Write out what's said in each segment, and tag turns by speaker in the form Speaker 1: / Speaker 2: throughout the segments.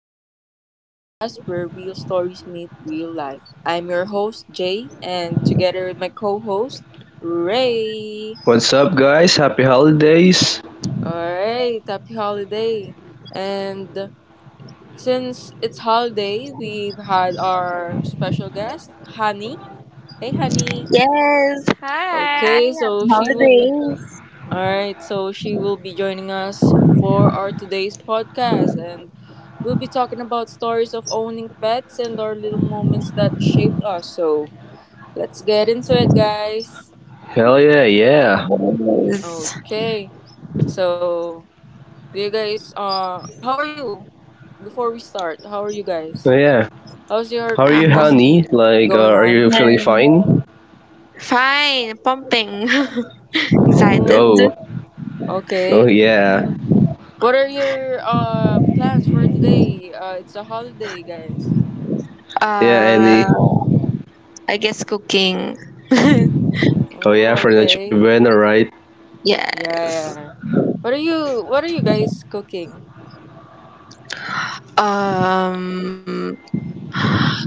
Speaker 1: to Kane's podcast where real stories meet real life. I'm your host, Jay, and together with my co host, Ray.
Speaker 2: What's up, guys? Happy holidays!
Speaker 1: Alright, happy holiday. And since it's holiday, we've had our special guest, Honey. Hey, Honey.
Speaker 3: Yes, hi,
Speaker 1: Okay,
Speaker 3: happy
Speaker 1: so she will be
Speaker 3: holidays.
Speaker 1: All right, so she will be joining us for our today's podcast, and we'll be talking about stories of owning pets and our little moments that shaped us. So let's get into it, guys.
Speaker 2: Hell yeah, yeah!
Speaker 3: Yes.
Speaker 1: Okay, so you guys, how are you? Before we start, how are you
Speaker 2: Oh
Speaker 1: guys?
Speaker 2: yeah.
Speaker 1: How's your
Speaker 2: How are
Speaker 3: Uh,
Speaker 2: you,
Speaker 1: Christmas
Speaker 2: honey?
Speaker 1: Eve
Speaker 2: Like,
Speaker 1: going
Speaker 2: are
Speaker 1: on?
Speaker 2: you feeling
Speaker 3: um,
Speaker 2: fine?
Speaker 3: fine, pumping. Excited.
Speaker 1: Oh,
Speaker 2: Oh,
Speaker 1: okay.
Speaker 2: oh yeah,
Speaker 1: What are your plans for today? It's a holiday, guys.
Speaker 2: yeah,
Speaker 3: Uh,
Speaker 2: Annie.
Speaker 3: I guess cooking.
Speaker 2: Oh yeah,
Speaker 1: Oh,
Speaker 2: for Noche
Speaker 1: okay.
Speaker 2: Buena, right?
Speaker 1: Yeah,
Speaker 3: Yes.
Speaker 1: yeah. What are you guys cooking?
Speaker 3: Um,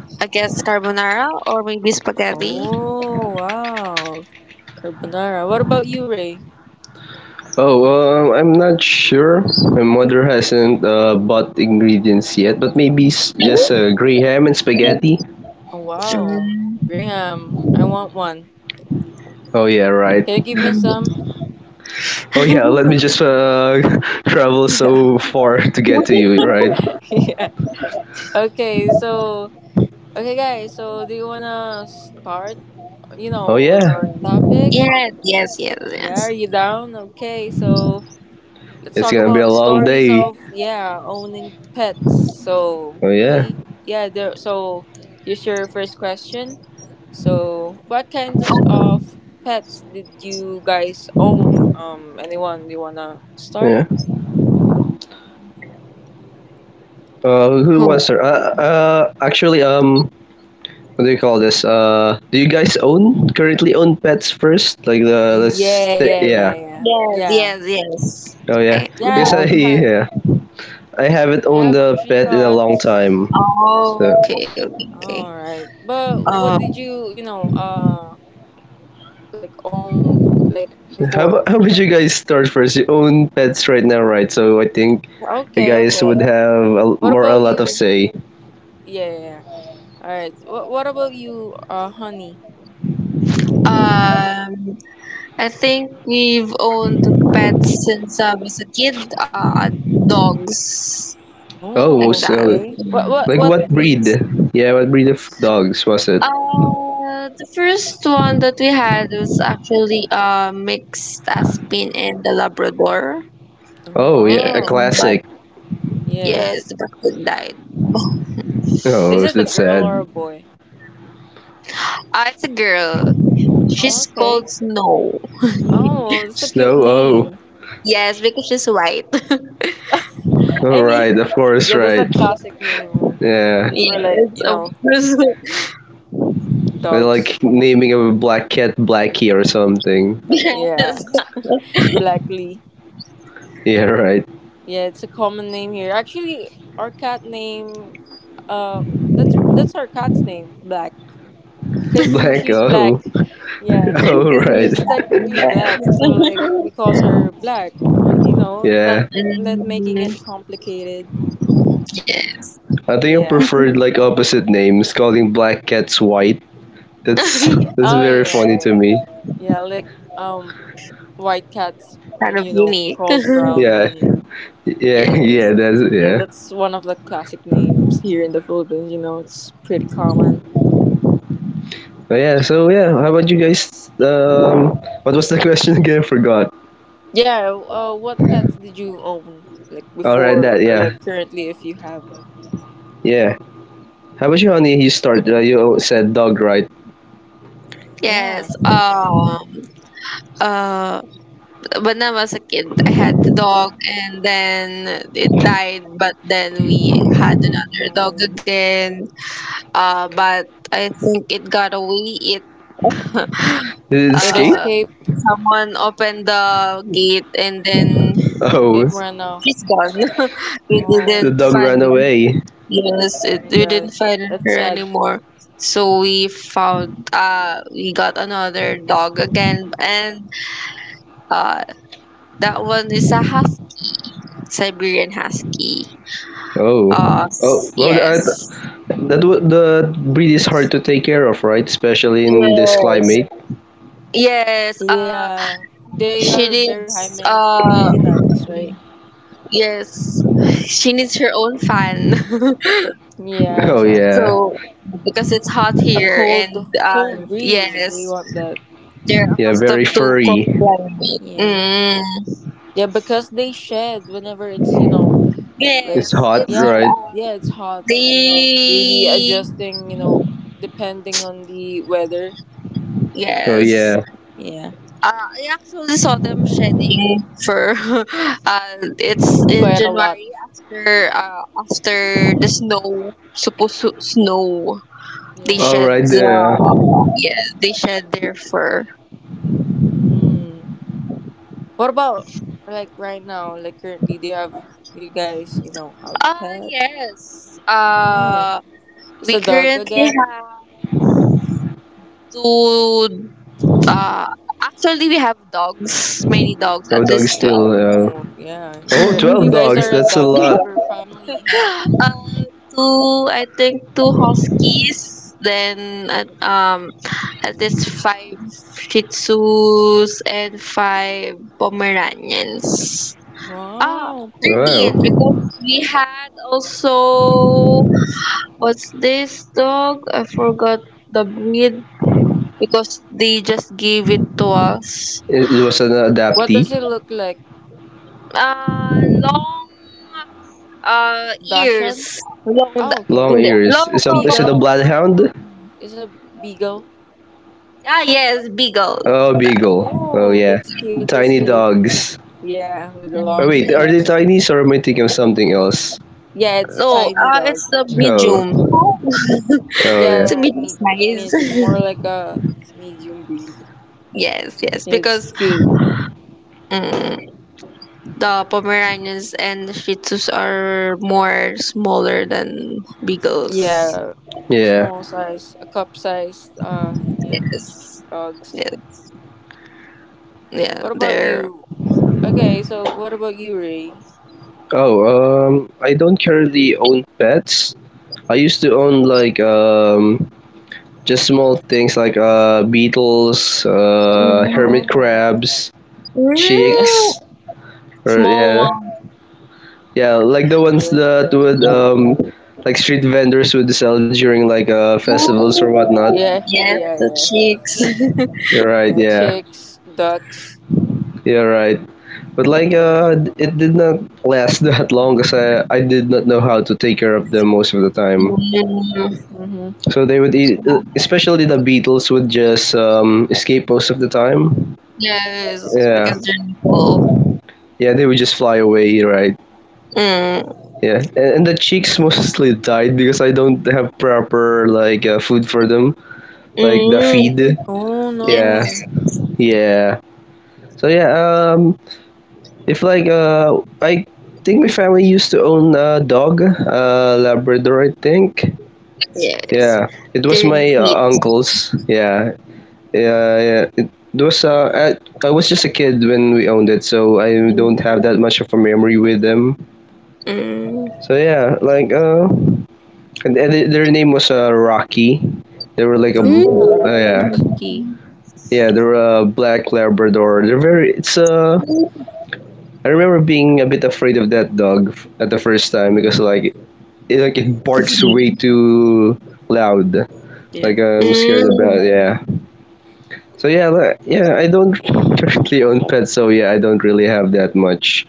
Speaker 3: I guess carbonara or maybe spaghetti.
Speaker 1: Oh, wow. Carbonara. What about you, Ray?
Speaker 2: Oh, I'm not sure. My mother hasn't bought ingredients yet, but maybe just
Speaker 3: Mm.
Speaker 2: gray ham and spaghetti.
Speaker 1: Oh, wow. Graham, I want one.
Speaker 2: Oh yeah, right.
Speaker 1: Can you give me some?
Speaker 2: Oh yeah, let me just travel
Speaker 1: Yeah.
Speaker 2: so far to get to you, right?
Speaker 1: yeah. Okay, so do you wanna start,
Speaker 2: Oh
Speaker 1: with
Speaker 2: yeah,
Speaker 1: our topic?
Speaker 3: Yes, yes, yes,
Speaker 1: Yeah, are
Speaker 3: yes.
Speaker 1: you down? Okay, so let's
Speaker 2: it's
Speaker 1: talk
Speaker 2: gonna be a
Speaker 1: about
Speaker 2: long
Speaker 1: stories
Speaker 2: day.
Speaker 1: of, yeah, owning pets. So
Speaker 2: Oh yeah,
Speaker 1: he yeah, there so here's your first question. So what kinds of pets did you guys own? Anyone you wanna start?
Speaker 2: yeah. Who
Speaker 3: Oh,
Speaker 2: wants to? Uh, actually, um, what do you call this? Do you guys own currently own pets first? Like
Speaker 1: Yeah, yeah,
Speaker 2: yeah.
Speaker 1: yeah, yeah.
Speaker 3: yes,
Speaker 1: Yeah.
Speaker 3: yes, yes.
Speaker 2: Oh yeah,
Speaker 3: I
Speaker 1: Yeah, I
Speaker 2: because
Speaker 1: have
Speaker 2: I
Speaker 1: a
Speaker 3: love.
Speaker 1: cat.
Speaker 2: yeah I
Speaker 1: I
Speaker 2: haven't
Speaker 1: have
Speaker 2: owned a
Speaker 1: three
Speaker 2: pet in a long
Speaker 1: cats.
Speaker 2: time. So,
Speaker 3: Oh, okay, okay, okay.
Speaker 1: All right. But what did
Speaker 3: Um,
Speaker 1: you, like own, like,
Speaker 2: so how
Speaker 1: before?
Speaker 2: about how about you guys start first? You own pets right now, right? So I think you
Speaker 1: Okay,
Speaker 2: guys would
Speaker 1: okay.
Speaker 2: have
Speaker 1: What
Speaker 2: more a
Speaker 1: about
Speaker 2: lot of
Speaker 1: you?
Speaker 2: say.
Speaker 1: Yeah, yeah, yeah. All right. What about you, Honey?
Speaker 3: um, I think we've owned pets since I was a kid. Dogs
Speaker 2: Oh,
Speaker 3: like
Speaker 1: Oh,
Speaker 2: most
Speaker 3: that.
Speaker 1: okay. What What
Speaker 2: like
Speaker 3: Mm,
Speaker 1: What
Speaker 2: what
Speaker 1: breed?
Speaker 2: breed?
Speaker 3: yes.
Speaker 2: Yeah, what breed of dogs was it?
Speaker 3: The first one that we had was actually a mixed Aspin and a Labrador.
Speaker 1: Oh,
Speaker 2: Oh yeah,
Speaker 3: Yeah,
Speaker 2: a
Speaker 1: wow.
Speaker 3: but
Speaker 2: classic.
Speaker 1: Yeah.
Speaker 3: yes, the it died.
Speaker 1: Is
Speaker 2: Oh,
Speaker 1: it a
Speaker 2: that's
Speaker 1: girl or a
Speaker 2: sad.
Speaker 1: boy?
Speaker 3: Ah, it's a girl.
Speaker 1: Oh,
Speaker 3: She's
Speaker 1: okay.
Speaker 3: called Snow.
Speaker 1: Oh, that's a cute
Speaker 2: Snow. Oh,
Speaker 1: name.
Speaker 3: Yes, because she's white.
Speaker 2: all
Speaker 1: I mean,
Speaker 2: right. Of course,
Speaker 1: yeah, that's
Speaker 2: right.
Speaker 1: a classic name.
Speaker 2: Yeah,
Speaker 1: Never, like,
Speaker 3: Yes,
Speaker 1: you
Speaker 3: of
Speaker 1: know,
Speaker 3: course.
Speaker 2: I
Speaker 1: dogs.
Speaker 2: like naming a black cat Blackie or something.
Speaker 3: Yes.
Speaker 1: Yeah, Blackley.
Speaker 2: Yeah, right.
Speaker 1: Yeah, it's a common name here. Actually, our cat name. Uh, that's our cat's name, Black, 'cause
Speaker 2: Black.
Speaker 1: she's
Speaker 2: Oh,
Speaker 1: black. Yeah.
Speaker 2: oh,
Speaker 3: Because
Speaker 1: 'Cause
Speaker 2: right.
Speaker 3: you
Speaker 1: she's
Speaker 3: have,
Speaker 1: technically black, so, like, we
Speaker 3: yes.
Speaker 1: call her Black. Uh, You know,
Speaker 2: Yeah,
Speaker 1: not not making
Speaker 3: Mm,
Speaker 1: it complicated.
Speaker 3: yeah.
Speaker 2: I think I
Speaker 1: Yeah.
Speaker 2: preferred like opposite names, calling black cats white. That's
Speaker 3: Kind
Speaker 2: that's
Speaker 1: Oh yeah,
Speaker 2: very
Speaker 1: yeah, yeah,
Speaker 2: funny to
Speaker 1: yeah.
Speaker 2: me.
Speaker 1: Yeah, like, um, white cats,
Speaker 3: of unique.
Speaker 1: called
Speaker 2: Yeah,
Speaker 1: Brownie.
Speaker 2: yeah, yeah.
Speaker 3: Yes.
Speaker 2: That's
Speaker 1: Yeah,
Speaker 2: yeah.
Speaker 1: that's one of the classic names here in the Philippines. You know, it's pretty common.
Speaker 2: Oh yeah. So yeah, how about you guys? What was the question again? I forgot.
Speaker 1: Yeah. What pets did you own, like
Speaker 2: All right.
Speaker 1: before,
Speaker 2: That
Speaker 1: or
Speaker 2: yeah,
Speaker 1: like currently, if you have one?
Speaker 2: yeah. How about you, honey? You start. You said dog, right?
Speaker 1: Yeah.
Speaker 3: Yes. Uh when I was a kid, I had the dog, and then it died, but then we had another dog
Speaker 1: Um,
Speaker 3: again. But I think it got away. It
Speaker 2: Did it
Speaker 1: it
Speaker 2: escape?
Speaker 3: uh
Speaker 1: escaped.
Speaker 3: Someone opened the gate, and then
Speaker 1: It
Speaker 2: Oh,
Speaker 1: ran off.
Speaker 3: she's gone. We
Speaker 1: Oh.
Speaker 2: the
Speaker 3: didn't
Speaker 2: dog
Speaker 3: find.
Speaker 2: ran away.
Speaker 3: Yes,
Speaker 1: Oh my
Speaker 3: it, we
Speaker 1: god,
Speaker 3: didn't find
Speaker 1: that's
Speaker 3: her
Speaker 1: sad.
Speaker 3: anymore. So we got another dog again, and uh that one is a half Siberian husky.
Speaker 2: Oh, oh, well,
Speaker 3: Yes.
Speaker 2: the breed is hard to take care of, right? Especially in this
Speaker 3: Yes.
Speaker 2: climate.
Speaker 3: Yes,
Speaker 1: Yeah, they
Speaker 3: she
Speaker 1: are very high
Speaker 3: needs,
Speaker 1: maintenance, right?
Speaker 3: yes, she needs her own fan.
Speaker 1: Yeah,
Speaker 2: Oh yeah,
Speaker 1: exactly.
Speaker 3: So because it's hot
Speaker 1: A
Speaker 3: here, and
Speaker 1: cold,
Speaker 3: uh
Speaker 1: cold breeze. They
Speaker 3: yes,
Speaker 1: want that.
Speaker 3: they're
Speaker 2: yeah, very
Speaker 3: accustomed to cold
Speaker 2: furry.
Speaker 3: climate.
Speaker 1: Yeah,
Speaker 3: Mm.
Speaker 1: yeah, because they shed whenever it's, you know,
Speaker 2: It's
Speaker 1: like,
Speaker 3: Yes,
Speaker 2: hot,
Speaker 3: it's,
Speaker 1: yeah,
Speaker 2: right?
Speaker 1: yeah, it's hot. Maybe
Speaker 3: the,
Speaker 1: adjusting. You know, depending on the weather.
Speaker 2: Oh
Speaker 3: yes.
Speaker 2: yeah.
Speaker 1: Yeah,
Speaker 3: I actually saw them shedding fur. It's in
Speaker 1: quite a lot.
Speaker 3: January, after the snow supposed to snow. They
Speaker 1: Yeah.
Speaker 2: All
Speaker 3: shed
Speaker 2: right,
Speaker 3: the,
Speaker 2: there.
Speaker 3: yeah, they shed their fur.
Speaker 1: Mm. What about like right now? Like, currently, do you guys have pets?
Speaker 3: Yes.
Speaker 1: Oh, it's
Speaker 3: We
Speaker 1: a dog
Speaker 3: currently
Speaker 1: again.
Speaker 3: have two. Uh, Actually, we have dogs, many dogs,
Speaker 2: Oh,
Speaker 3: at
Speaker 2: dog
Speaker 3: least
Speaker 2: still.
Speaker 3: 12.
Speaker 1: Oh, yeah,
Speaker 2: Oh,
Speaker 1: you're you
Speaker 2: 12
Speaker 1: guys are
Speaker 2: dogs.
Speaker 1: a
Speaker 2: That's a
Speaker 1: dog
Speaker 2: lot.
Speaker 1: lover family, huh?
Speaker 3: uh, Two, I think, two huskies, then at least five shih tzus and five pomeranians. Ah,
Speaker 1: Wow,
Speaker 3: 13,
Speaker 1: Pomeranian.
Speaker 2: Wow.
Speaker 3: because we had also, what's this dog? I forgot the breed because they just gave it to us.
Speaker 2: It was an
Speaker 1: What does
Speaker 2: adaptee.
Speaker 1: it look like?
Speaker 3: Long ears.
Speaker 1: Dachshund?
Speaker 3: Long, the,
Speaker 1: Oh, okay.
Speaker 2: Long
Speaker 3: hindi, long,
Speaker 2: ears. Is,
Speaker 3: no,
Speaker 2: a,
Speaker 3: no,
Speaker 2: is it a
Speaker 3: no,
Speaker 1: Beagle.
Speaker 3: long.
Speaker 2: bloodhound?
Speaker 1: Is a beagle.
Speaker 3: Ah, yes, beagle.
Speaker 2: Oh,
Speaker 3: That-
Speaker 2: beagle. Oh
Speaker 1: Oh,
Speaker 2: yeah,
Speaker 1: that's cute. That's
Speaker 2: tiny
Speaker 1: cute.
Speaker 2: dogs.
Speaker 1: Yeah, with the
Speaker 2: Oh
Speaker 1: long
Speaker 2: wait, are they
Speaker 1: ears.
Speaker 2: Chinese or am I thinking of something else?
Speaker 1: Yeah, it's
Speaker 3: No,
Speaker 1: tiny dog.
Speaker 3: it's the medium.
Speaker 2: Oh, oh
Speaker 1: Yeah, yeah,
Speaker 3: It's
Speaker 2: yeah,
Speaker 3: a
Speaker 1: yeah,
Speaker 3: medium
Speaker 1: medium, medium, more
Speaker 3: size.
Speaker 1: like a medium breed.
Speaker 3: Yes, yes,
Speaker 1: It's
Speaker 3: because,
Speaker 1: cute.
Speaker 3: mm, the Pomeranians and the Shih Tzus are more smaller than beagles.
Speaker 1: Yeah,
Speaker 2: yeah.
Speaker 1: small size, a cup sized. Yeah,
Speaker 3: Yes,
Speaker 1: dogs.
Speaker 3: yeah, yeah,
Speaker 1: What about
Speaker 3: they're.
Speaker 1: you? Okay, so what about you, Ray?
Speaker 2: Oh, I don't currently own pets. I used to own like just small things like beetles, hermit
Speaker 1: Oh,
Speaker 2: crabs,
Speaker 1: yeah,
Speaker 2: chicks,
Speaker 3: Mm,
Speaker 2: or
Speaker 3: small.
Speaker 2: yeah, yeah, like the ones
Speaker 1: yeah,
Speaker 2: that would like street vendors would sell during like festivals or whatnot.
Speaker 3: Oh,
Speaker 1: yeah,
Speaker 3: yes,
Speaker 1: yeah,
Speaker 3: the
Speaker 1: yeah.
Speaker 3: cheeks.
Speaker 2: Right?
Speaker 1: Yeah,
Speaker 2: Yeah.
Speaker 1: chicks, ducks.
Speaker 2: Yeah, right. But like,
Speaker 1: Yeah.
Speaker 2: it did not last that long because I did not know how to take care of them most of the time.
Speaker 3: Mm,
Speaker 1: Mhm.
Speaker 2: So they would eat, especially the beetles would just escape most of the time.
Speaker 3: yes,
Speaker 2: Yeah,
Speaker 3: because they're nipple.
Speaker 2: yeah, they would just fly away, right?
Speaker 3: Mm,
Speaker 2: Yeah, and the chicks mostly died because I don't have proper like food for them, like the
Speaker 3: mm,
Speaker 2: feed.
Speaker 1: Oh, no.
Speaker 2: Yeah,
Speaker 3: yes,
Speaker 2: yeah. So yeah, um, if like I think my family used to own a dog labrador I think
Speaker 3: yes.
Speaker 2: yeah it was
Speaker 3: They're
Speaker 2: my
Speaker 3: sweet.
Speaker 2: uncle's yeah yeah yeah it was I was just a kid when we owned it so I don't have that much of a memory with them
Speaker 3: Mm,
Speaker 2: so yeah like their name was rocky they were like a
Speaker 1: No.
Speaker 3: mm.
Speaker 2: yeah
Speaker 1: Rocky.
Speaker 2: yeah they were a black labrador they're very it's I remember being a bit afraid of that dog at the first time because
Speaker 1: Mm.
Speaker 2: like like it
Speaker 3: It's
Speaker 2: barks way
Speaker 3: big.
Speaker 2: too loud.
Speaker 1: Yeah.
Speaker 2: Like I'm scared
Speaker 3: Mm,
Speaker 2: about yeah. So yeah, like yeah. I don't currently own pets, so yeah, I don't really have that much.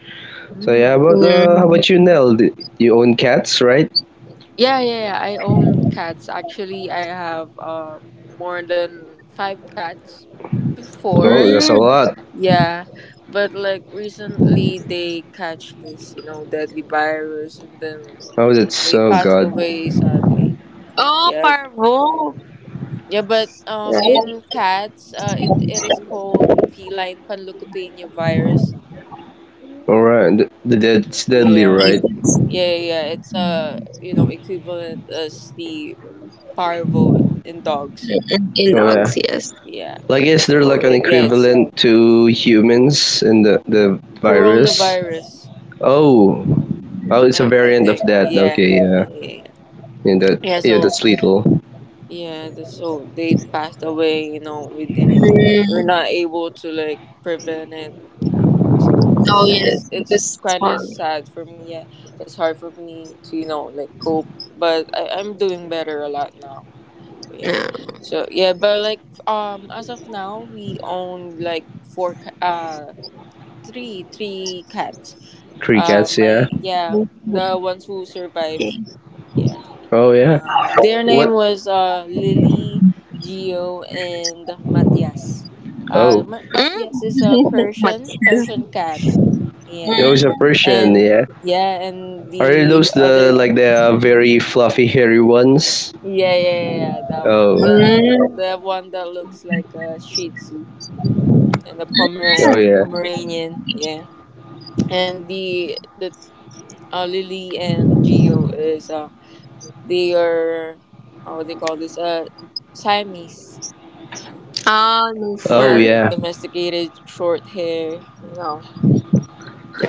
Speaker 2: So yeah,
Speaker 1: Mm.
Speaker 2: how about
Speaker 3: mm,
Speaker 2: you, Nell? You own cats, right?
Speaker 1: Yeah, yeah, yeah. I own cats. Actually, I have more than five cats
Speaker 2: Oh,
Speaker 1: before.
Speaker 2: that's a
Speaker 3: mm.
Speaker 2: lot.
Speaker 1: Yeah, but like recently they catch this, you know, deadly virus, and then
Speaker 2: Oh,
Speaker 1: yeah,
Speaker 2: that's
Speaker 1: they
Speaker 2: oh
Speaker 1: passed
Speaker 2: god.
Speaker 1: away sadly.
Speaker 3: Oh,
Speaker 1: Yeah,
Speaker 3: parvo.
Speaker 1: yeah, but in
Speaker 3: Right?
Speaker 1: cats, it is called feline panleukopenia virus.
Speaker 2: All right, that's deadly,
Speaker 1: Yeah,
Speaker 2: right?
Speaker 3: Yes,
Speaker 1: yeah, yeah, yeah, it's equivalent as the parvo in dogs.
Speaker 3: in
Speaker 2: Oh yeah.
Speaker 3: dogs, yes.
Speaker 1: Yeah,
Speaker 2: Like, is there
Speaker 1: so
Speaker 2: like an
Speaker 1: yeah, it's
Speaker 2: equivalent to humans in the virus?
Speaker 1: coronavirus.
Speaker 2: Oh, oh, it's a
Speaker 1: I
Speaker 2: variant of
Speaker 1: think,
Speaker 2: that.
Speaker 1: yeah,
Speaker 2: Okay,
Speaker 1: yeah,
Speaker 2: yeah,
Speaker 1: yeah, yeah.
Speaker 2: yeah, that
Speaker 1: Yeah,
Speaker 2: yeah,
Speaker 1: so
Speaker 2: that's lethal.
Speaker 1: They passed away, you know, we're
Speaker 3: Mm.
Speaker 1: not able to like prevent it, you know. So
Speaker 3: Oh,
Speaker 1: it's it's
Speaker 3: yes,
Speaker 1: it's
Speaker 3: because it's
Speaker 1: kind of
Speaker 3: hard.
Speaker 1: sad for me. Yeah, it's hard for me to, you know, like cope, but I'm doing better a lot now. Yeah.
Speaker 3: Yeah.
Speaker 1: So yeah, but like as of now, we own like four ca- three three cats. Uh
Speaker 2: Crickets, yeah.
Speaker 1: my yeah,
Speaker 3: Mm-hmm.
Speaker 1: the ones who
Speaker 3: Okay.
Speaker 1: survived. Yeah.
Speaker 2: Oh, yeah.
Speaker 1: Their name
Speaker 2: What?
Speaker 1: was Lily, Gio, and Matias.
Speaker 2: Oh,
Speaker 1: Matthias is a
Speaker 3: Mm.
Speaker 1: Persian
Speaker 3: Matis.
Speaker 1: Persian cat.
Speaker 2: it
Speaker 1: Yeah,
Speaker 2: was a Persian,
Speaker 1: and
Speaker 2: yeah.
Speaker 1: yeah, and
Speaker 2: Are
Speaker 1: the
Speaker 2: those the
Speaker 1: other
Speaker 2: like the very fluffy, hairy ones?
Speaker 1: yeah yeah yeah yeah, that one,
Speaker 2: Oh,
Speaker 1: the
Speaker 3: Mm.
Speaker 1: the one that looks like a Shih Tzu and the
Speaker 2: oh yeah.
Speaker 1: Pomeranian, yeah, and the Lily and Gio is, they are, what they call this, Siamese.
Speaker 3: Ah,
Speaker 2: Oh
Speaker 1: Yeah,
Speaker 3: loafer.
Speaker 1: the
Speaker 2: yeah.
Speaker 1: domesticated short hair, you know.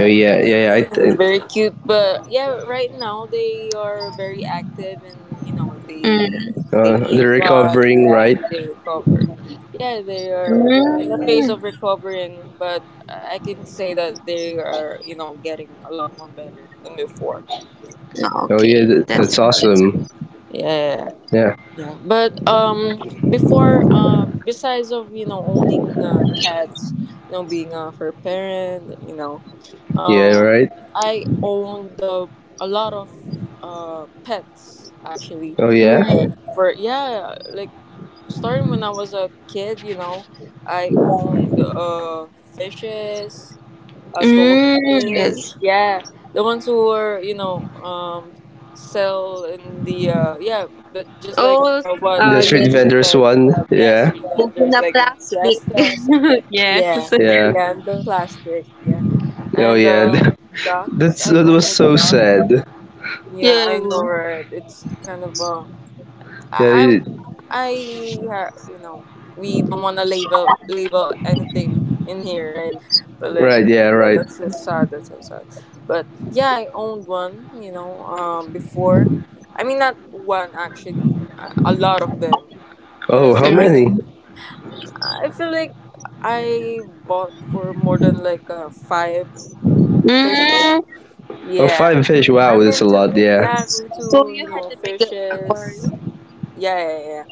Speaker 2: Oh yeah. Yeah, yeah.
Speaker 1: it's very cute. But yeah, right now they are very active and you know they
Speaker 3: Mm.
Speaker 1: they eat
Speaker 2: They're
Speaker 1: a lot.
Speaker 2: recovering,
Speaker 1: Yeah,
Speaker 2: right?
Speaker 1: they recovered. Yeah, they are in the phase
Speaker 3: Mm.
Speaker 1: of recovering, but I can say that they are, you know, getting a lot more better than before.
Speaker 2: Oh yeah.
Speaker 3: Okay, that's
Speaker 2: That's
Speaker 3: that's
Speaker 2: awesome.
Speaker 1: Yeah,
Speaker 2: Yeah.
Speaker 1: yeah. But before besides of, you know, owning, cats, you know, being a fur parent,
Speaker 2: Yeah.
Speaker 1: Um,
Speaker 2: Right.
Speaker 1: I owned a lot of pets actually.
Speaker 2: Oh yeah.
Speaker 1: Like,
Speaker 3: mm.
Speaker 1: starting when I was a kid, you know, I owned fishes, a
Speaker 3: Mm. Yes.
Speaker 1: goldfish, yeah, the ones who were sell in the but just like,
Speaker 3: Oh,
Speaker 1: what
Speaker 2: The street
Speaker 1: Ray
Speaker 3: yes.
Speaker 2: vendors
Speaker 1: said,
Speaker 2: one.
Speaker 1: yeah,
Speaker 2: Yeah.
Speaker 1: street
Speaker 3: That's in
Speaker 1: vendors
Speaker 3: a
Speaker 1: like in
Speaker 3: plastic.
Speaker 1: fiestas,
Speaker 3: Yes.
Speaker 1: yeah,
Speaker 2: Yeah.
Speaker 1: yeah, and the plastic, yeah.
Speaker 2: Oh
Speaker 1: And
Speaker 2: yeah.
Speaker 1: ducks,
Speaker 2: That's
Speaker 1: I
Speaker 2: that
Speaker 1: own a
Speaker 2: was so
Speaker 1: duck.
Speaker 2: sad.
Speaker 1: Yeah,
Speaker 3: Yeah.
Speaker 1: I know, right? It's kind of a I
Speaker 2: Yeah.
Speaker 1: I, I ha- you know, we don't want to label anything in here, right? But like
Speaker 2: Right. Yeah.
Speaker 1: yeah,
Speaker 2: Right.
Speaker 1: that's so sad, that's so sad. But yeah, I owned one, before. I mean, not one, actually, a lot of them,
Speaker 2: Oh,
Speaker 1: because
Speaker 2: how
Speaker 1: I
Speaker 3: Mm.
Speaker 2: many?
Speaker 1: I feel like I bought for more than like five fishes.
Speaker 3: Mm.
Speaker 2: Oh,
Speaker 1: Yeah,
Speaker 2: five fish. Wow,
Speaker 1: I'm
Speaker 2: that's a
Speaker 1: into
Speaker 2: lot. Yeah.
Speaker 1: yeah, I'm
Speaker 3: So
Speaker 1: into,
Speaker 3: you had a big
Speaker 1: fishes.
Speaker 3: aquarium.
Speaker 1: Yeah, yeah, yeah,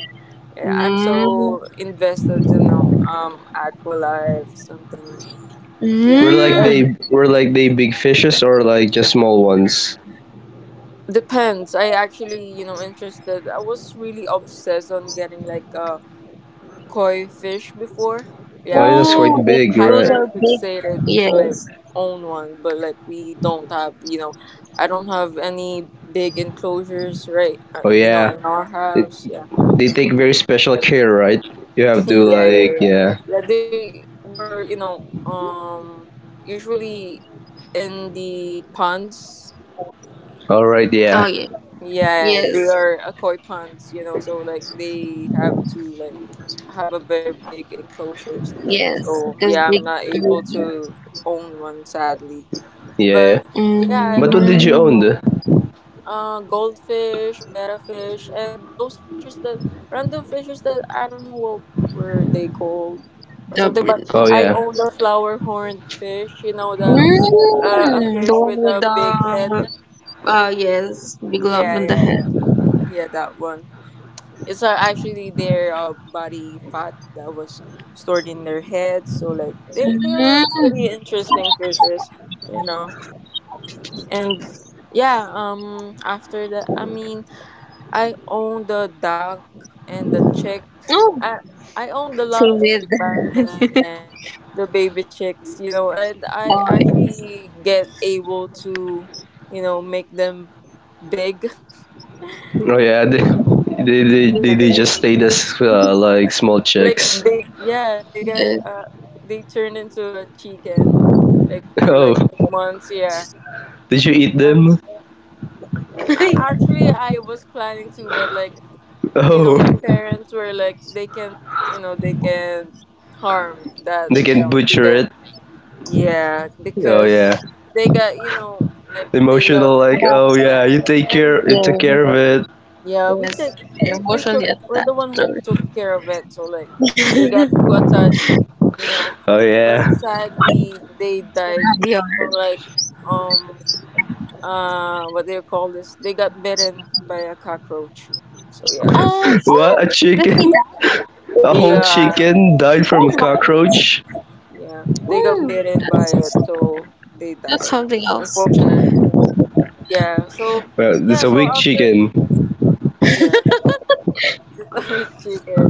Speaker 1: yeah, I'm
Speaker 3: Mm.
Speaker 1: so invested, you know, Aqualife something.
Speaker 2: Were
Speaker 1: Yeah,
Speaker 2: like
Speaker 3: Mm.
Speaker 1: and
Speaker 2: they were like they big fishes or like just small ones?
Speaker 1: depends. I actually, interested. I was really obsessed on getting like a koi fish before.
Speaker 2: Oh
Speaker 1: Yeah,
Speaker 2: yeah,
Speaker 1: I'm
Speaker 2: that's
Speaker 1: so
Speaker 3: Oh,
Speaker 2: quite
Speaker 3: that,
Speaker 2: big,
Speaker 3: those
Speaker 2: right?
Speaker 1: hyper
Speaker 3: are big.
Speaker 1: fixated to like
Speaker 3: Yes.
Speaker 1: own one, but like we don't have, you know, I don't have any big enclosures, right?
Speaker 2: Oh yeah,
Speaker 1: In our
Speaker 2: it,
Speaker 1: house. Yeah,
Speaker 2: they take very special care, right? You have to
Speaker 1: yeah, yeah,
Speaker 2: like
Speaker 1: yeah.
Speaker 2: yeah.
Speaker 1: Yeah, they were, you know, um, usually in the ponds.
Speaker 2: All right,
Speaker 3: Oh
Speaker 2: yeah,
Speaker 3: yeah.
Speaker 1: Yeah, they
Speaker 3: Yes.
Speaker 1: are a koi ponds, you know, so like they have to like have a very big enclosures.
Speaker 3: Yes,
Speaker 1: So
Speaker 3: because
Speaker 1: yeah,
Speaker 3: they
Speaker 1: I'm not able
Speaker 3: do.
Speaker 1: to own one sadly.
Speaker 2: yeah. Yeah.
Speaker 1: But yeah, I
Speaker 2: But what did
Speaker 1: own,
Speaker 2: you
Speaker 1: you
Speaker 3: Mm,
Speaker 2: own?
Speaker 1: know,
Speaker 2: The?
Speaker 1: goldfish, betta fish, and those fishes that random fishes that I don't know what were they called or
Speaker 3: the
Speaker 1: something, but
Speaker 3: oh.
Speaker 2: Oh
Speaker 1: I
Speaker 2: yeah,
Speaker 1: own the flower horned fish, you know, the a
Speaker 3: Mm, the
Speaker 1: fish
Speaker 3: one
Speaker 1: with
Speaker 3: with
Speaker 1: a big head.
Speaker 3: the, yes, big lump
Speaker 1: Yeah,
Speaker 3: on the
Speaker 1: yeah,
Speaker 3: head.
Speaker 1: yeah. Yeah, that one. It's actually their body fat that was stored in their head. So like they are
Speaker 3: Mm,
Speaker 1: pretty interesting fishes, you know. And yeah, after that, I mean, I owned the duck and the chick. I
Speaker 3: oh,
Speaker 1: I owned a lot
Speaker 3: same
Speaker 1: of
Speaker 3: with
Speaker 1: chick back
Speaker 3: the,
Speaker 1: then. Yeah, the baby chicks, you know. And I
Speaker 3: oh, yes.
Speaker 1: actually get able to, you know, make them big.
Speaker 2: oh yeah. They they they,
Speaker 1: Yeah,
Speaker 2: they, they
Speaker 1: yeah, yeah.
Speaker 2: just stayed as like small
Speaker 1: Like
Speaker 2: chicks.
Speaker 1: they, yeah, they
Speaker 3: Uh,
Speaker 1: get they turn into a chicken, like for
Speaker 2: Oh,
Speaker 1: like months. Yeah,
Speaker 2: did you eat
Speaker 1: and
Speaker 2: them?
Speaker 1: actually, I was planning to, but like you know,
Speaker 2: Oh,
Speaker 1: my parents were like, they can't, you know, they can harm that,
Speaker 2: they
Speaker 1: you
Speaker 2: can
Speaker 1: know,
Speaker 2: butcher
Speaker 1: chicken.
Speaker 2: it.
Speaker 1: Yeah,
Speaker 2: Oh
Speaker 1: because
Speaker 2: yeah,
Speaker 1: they got, you know, like they love.
Speaker 2: emotional like oh
Speaker 3: Adapt,
Speaker 2: yeah.
Speaker 1: Yeah,
Speaker 2: You take
Speaker 1: yeah.
Speaker 2: care.
Speaker 1: And.
Speaker 2: You took
Speaker 3: yeah,
Speaker 2: care of it.
Speaker 1: Yeah, we take
Speaker 3: yes,
Speaker 1: we took
Speaker 3: emotionally
Speaker 1: we're the
Speaker 3: attached.
Speaker 1: one who
Speaker 3: Sorry.
Speaker 1: took care of it. So like they
Speaker 3: Dior.
Speaker 1: got too attached, you know.
Speaker 2: Oh
Speaker 1: But
Speaker 2: yeah.
Speaker 1: sadly they died, or like um what do you call this? They got bitten by a cockroach. So yeah.
Speaker 3: Oh,
Speaker 2: What?
Speaker 3: oh,
Speaker 2: A
Speaker 3: let's see
Speaker 2: chicken?
Speaker 3: that.
Speaker 2: A whole
Speaker 1: Yeah.
Speaker 2: chicken died from
Speaker 3: What
Speaker 2: a
Speaker 1: Yeah.
Speaker 3: happened?
Speaker 2: cockroach?
Speaker 1: Yeah. They got
Speaker 3: Oh,
Speaker 1: bitten by it
Speaker 3: that's
Speaker 1: so they
Speaker 3: that's
Speaker 1: died.
Speaker 3: something else.
Speaker 1: Unfortunately.
Speaker 3: Mm,
Speaker 1: Yeah. So
Speaker 2: Well,
Speaker 1: yeah,
Speaker 2: it's a
Speaker 1: so
Speaker 2: big
Speaker 1: after,
Speaker 2: chicken.
Speaker 1: yes, the chicken.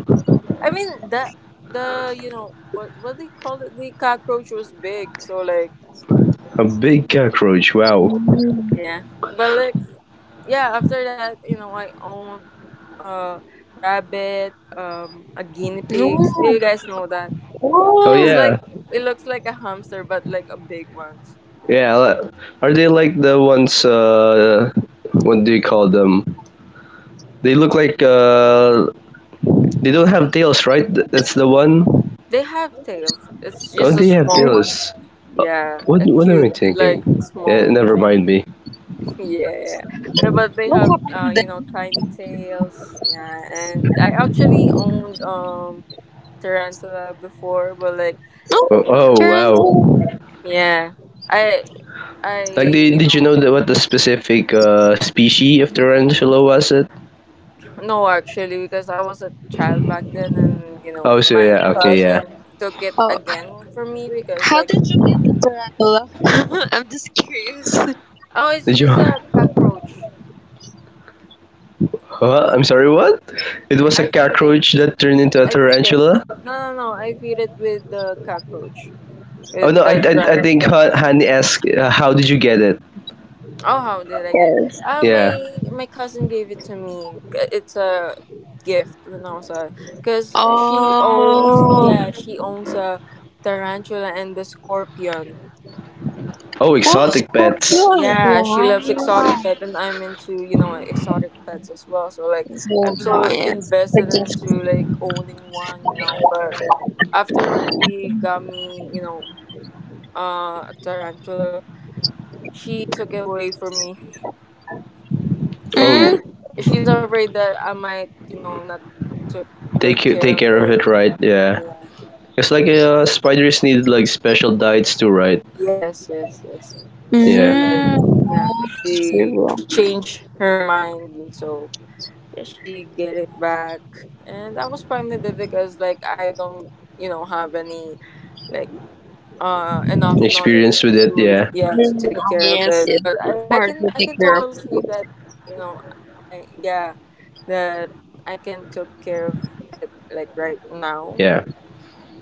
Speaker 1: I mean, the you know, what they call it, the cockroach was big, so like
Speaker 2: A big cockroach, wow.
Speaker 1: yeah, but like yeah, after that, you know, I owned uh rabbit, a guinea pigs, do you
Speaker 3: no.
Speaker 1: guys know that?
Speaker 2: Oh
Speaker 1: It's
Speaker 3: Oh.
Speaker 2: yeah.
Speaker 1: like it looks like a hamster but like a big ones.
Speaker 2: Yeah, are they like the ones, what do you call them? They look like, they don't have tails, right? That's the one?
Speaker 1: They have tails, it's
Speaker 2: Oh,
Speaker 1: just a
Speaker 2: they have
Speaker 1: small one.
Speaker 3: Mm.
Speaker 2: tails. Uh,
Speaker 1: Yeah, a
Speaker 2: What am
Speaker 1: cute
Speaker 2: I
Speaker 1: like
Speaker 2: thinking? Yeah,
Speaker 1: small.
Speaker 2: never mind me.
Speaker 1: Yeah, yeah, but they
Speaker 3: What
Speaker 1: have
Speaker 3: happened then?
Speaker 1: tiny tails, yeah, and I actually owned tarantula before, but like,
Speaker 3: Oh,
Speaker 2: Oh,
Speaker 1: you know,
Speaker 2: oh
Speaker 3: tarantula.
Speaker 2: wow.
Speaker 1: yeah, I I
Speaker 2: Like,
Speaker 1: you
Speaker 2: did you
Speaker 1: know.
Speaker 2: know that what the specific, species of tarantula was it?
Speaker 1: No, actually, because I was a child back then, and you know
Speaker 2: Oh, so
Speaker 1: my
Speaker 2: yeah, okay, yeah.
Speaker 1: cousin took it
Speaker 3: Oh,
Speaker 1: again from me because
Speaker 3: how
Speaker 1: like
Speaker 3: did you get the tarantula? I'm just curious.
Speaker 1: oh it's
Speaker 2: Did
Speaker 1: just
Speaker 2: you?
Speaker 1: a cockroach.
Speaker 2: Huh? I'm sorry, what? It was a
Speaker 1: I feed it.
Speaker 2: cockroach that turned into a
Speaker 1: I feed it.
Speaker 2: tarantula?
Speaker 1: No no no. I feed it with the cockroach.
Speaker 2: Oh
Speaker 1: With
Speaker 2: no,
Speaker 1: the dry.
Speaker 2: I think Hani asked, how did you get it?
Speaker 1: Oh, how did I get? It?
Speaker 3: Yes.
Speaker 1: Uh,
Speaker 2: Yeah.
Speaker 1: my my cousin gave it to me. It's a gift when I was cause she owns
Speaker 3: Oh,
Speaker 1: yeah she owns a tarantula and the scorpion.
Speaker 2: Oh,
Speaker 3: so
Speaker 2: exotic pets.
Speaker 3: good.
Speaker 1: Yeah, she loves exotic
Speaker 3: Wow.
Speaker 1: pets, and I'm into, you know, exotic pets as well. So like
Speaker 3: So
Speaker 1: I'm so
Speaker 3: nice. The
Speaker 1: invested into
Speaker 3: gift.
Speaker 1: like owning one, you know. But after when she got me, a tarantula, she took it away from me.
Speaker 3: Mm?
Speaker 2: Oh,
Speaker 1: Because she's afraid that I might, you know, not took
Speaker 2: take
Speaker 1: good
Speaker 2: you take
Speaker 1: care of
Speaker 2: care of
Speaker 1: it.
Speaker 2: it, right? Yeah.
Speaker 1: Yeah.
Speaker 2: It's like spiders need like special diets too, right?
Speaker 1: Yes, yes, yes. So
Speaker 2: Yeah.
Speaker 1: like,
Speaker 3: Mm.
Speaker 1: yeah,
Speaker 3: Oh, it's
Speaker 1: she
Speaker 3: trivial.
Speaker 1: changed her mind, and so yeah, she get it back. And I was fine with it because like I don't, you know, have any, like, enough knowledge
Speaker 2: Experience with it,
Speaker 1: to
Speaker 2: yeah,
Speaker 1: yeah to
Speaker 3: Mm,
Speaker 1: take care of
Speaker 3: yes,
Speaker 1: it.
Speaker 3: yes.
Speaker 1: But I
Speaker 3: It's
Speaker 1: I
Speaker 3: hard
Speaker 1: can
Speaker 3: to
Speaker 1: I
Speaker 3: take
Speaker 1: can
Speaker 3: care of
Speaker 1: totally
Speaker 3: food.
Speaker 1: say that you know I that I can take care of it like right now.
Speaker 2: yeah.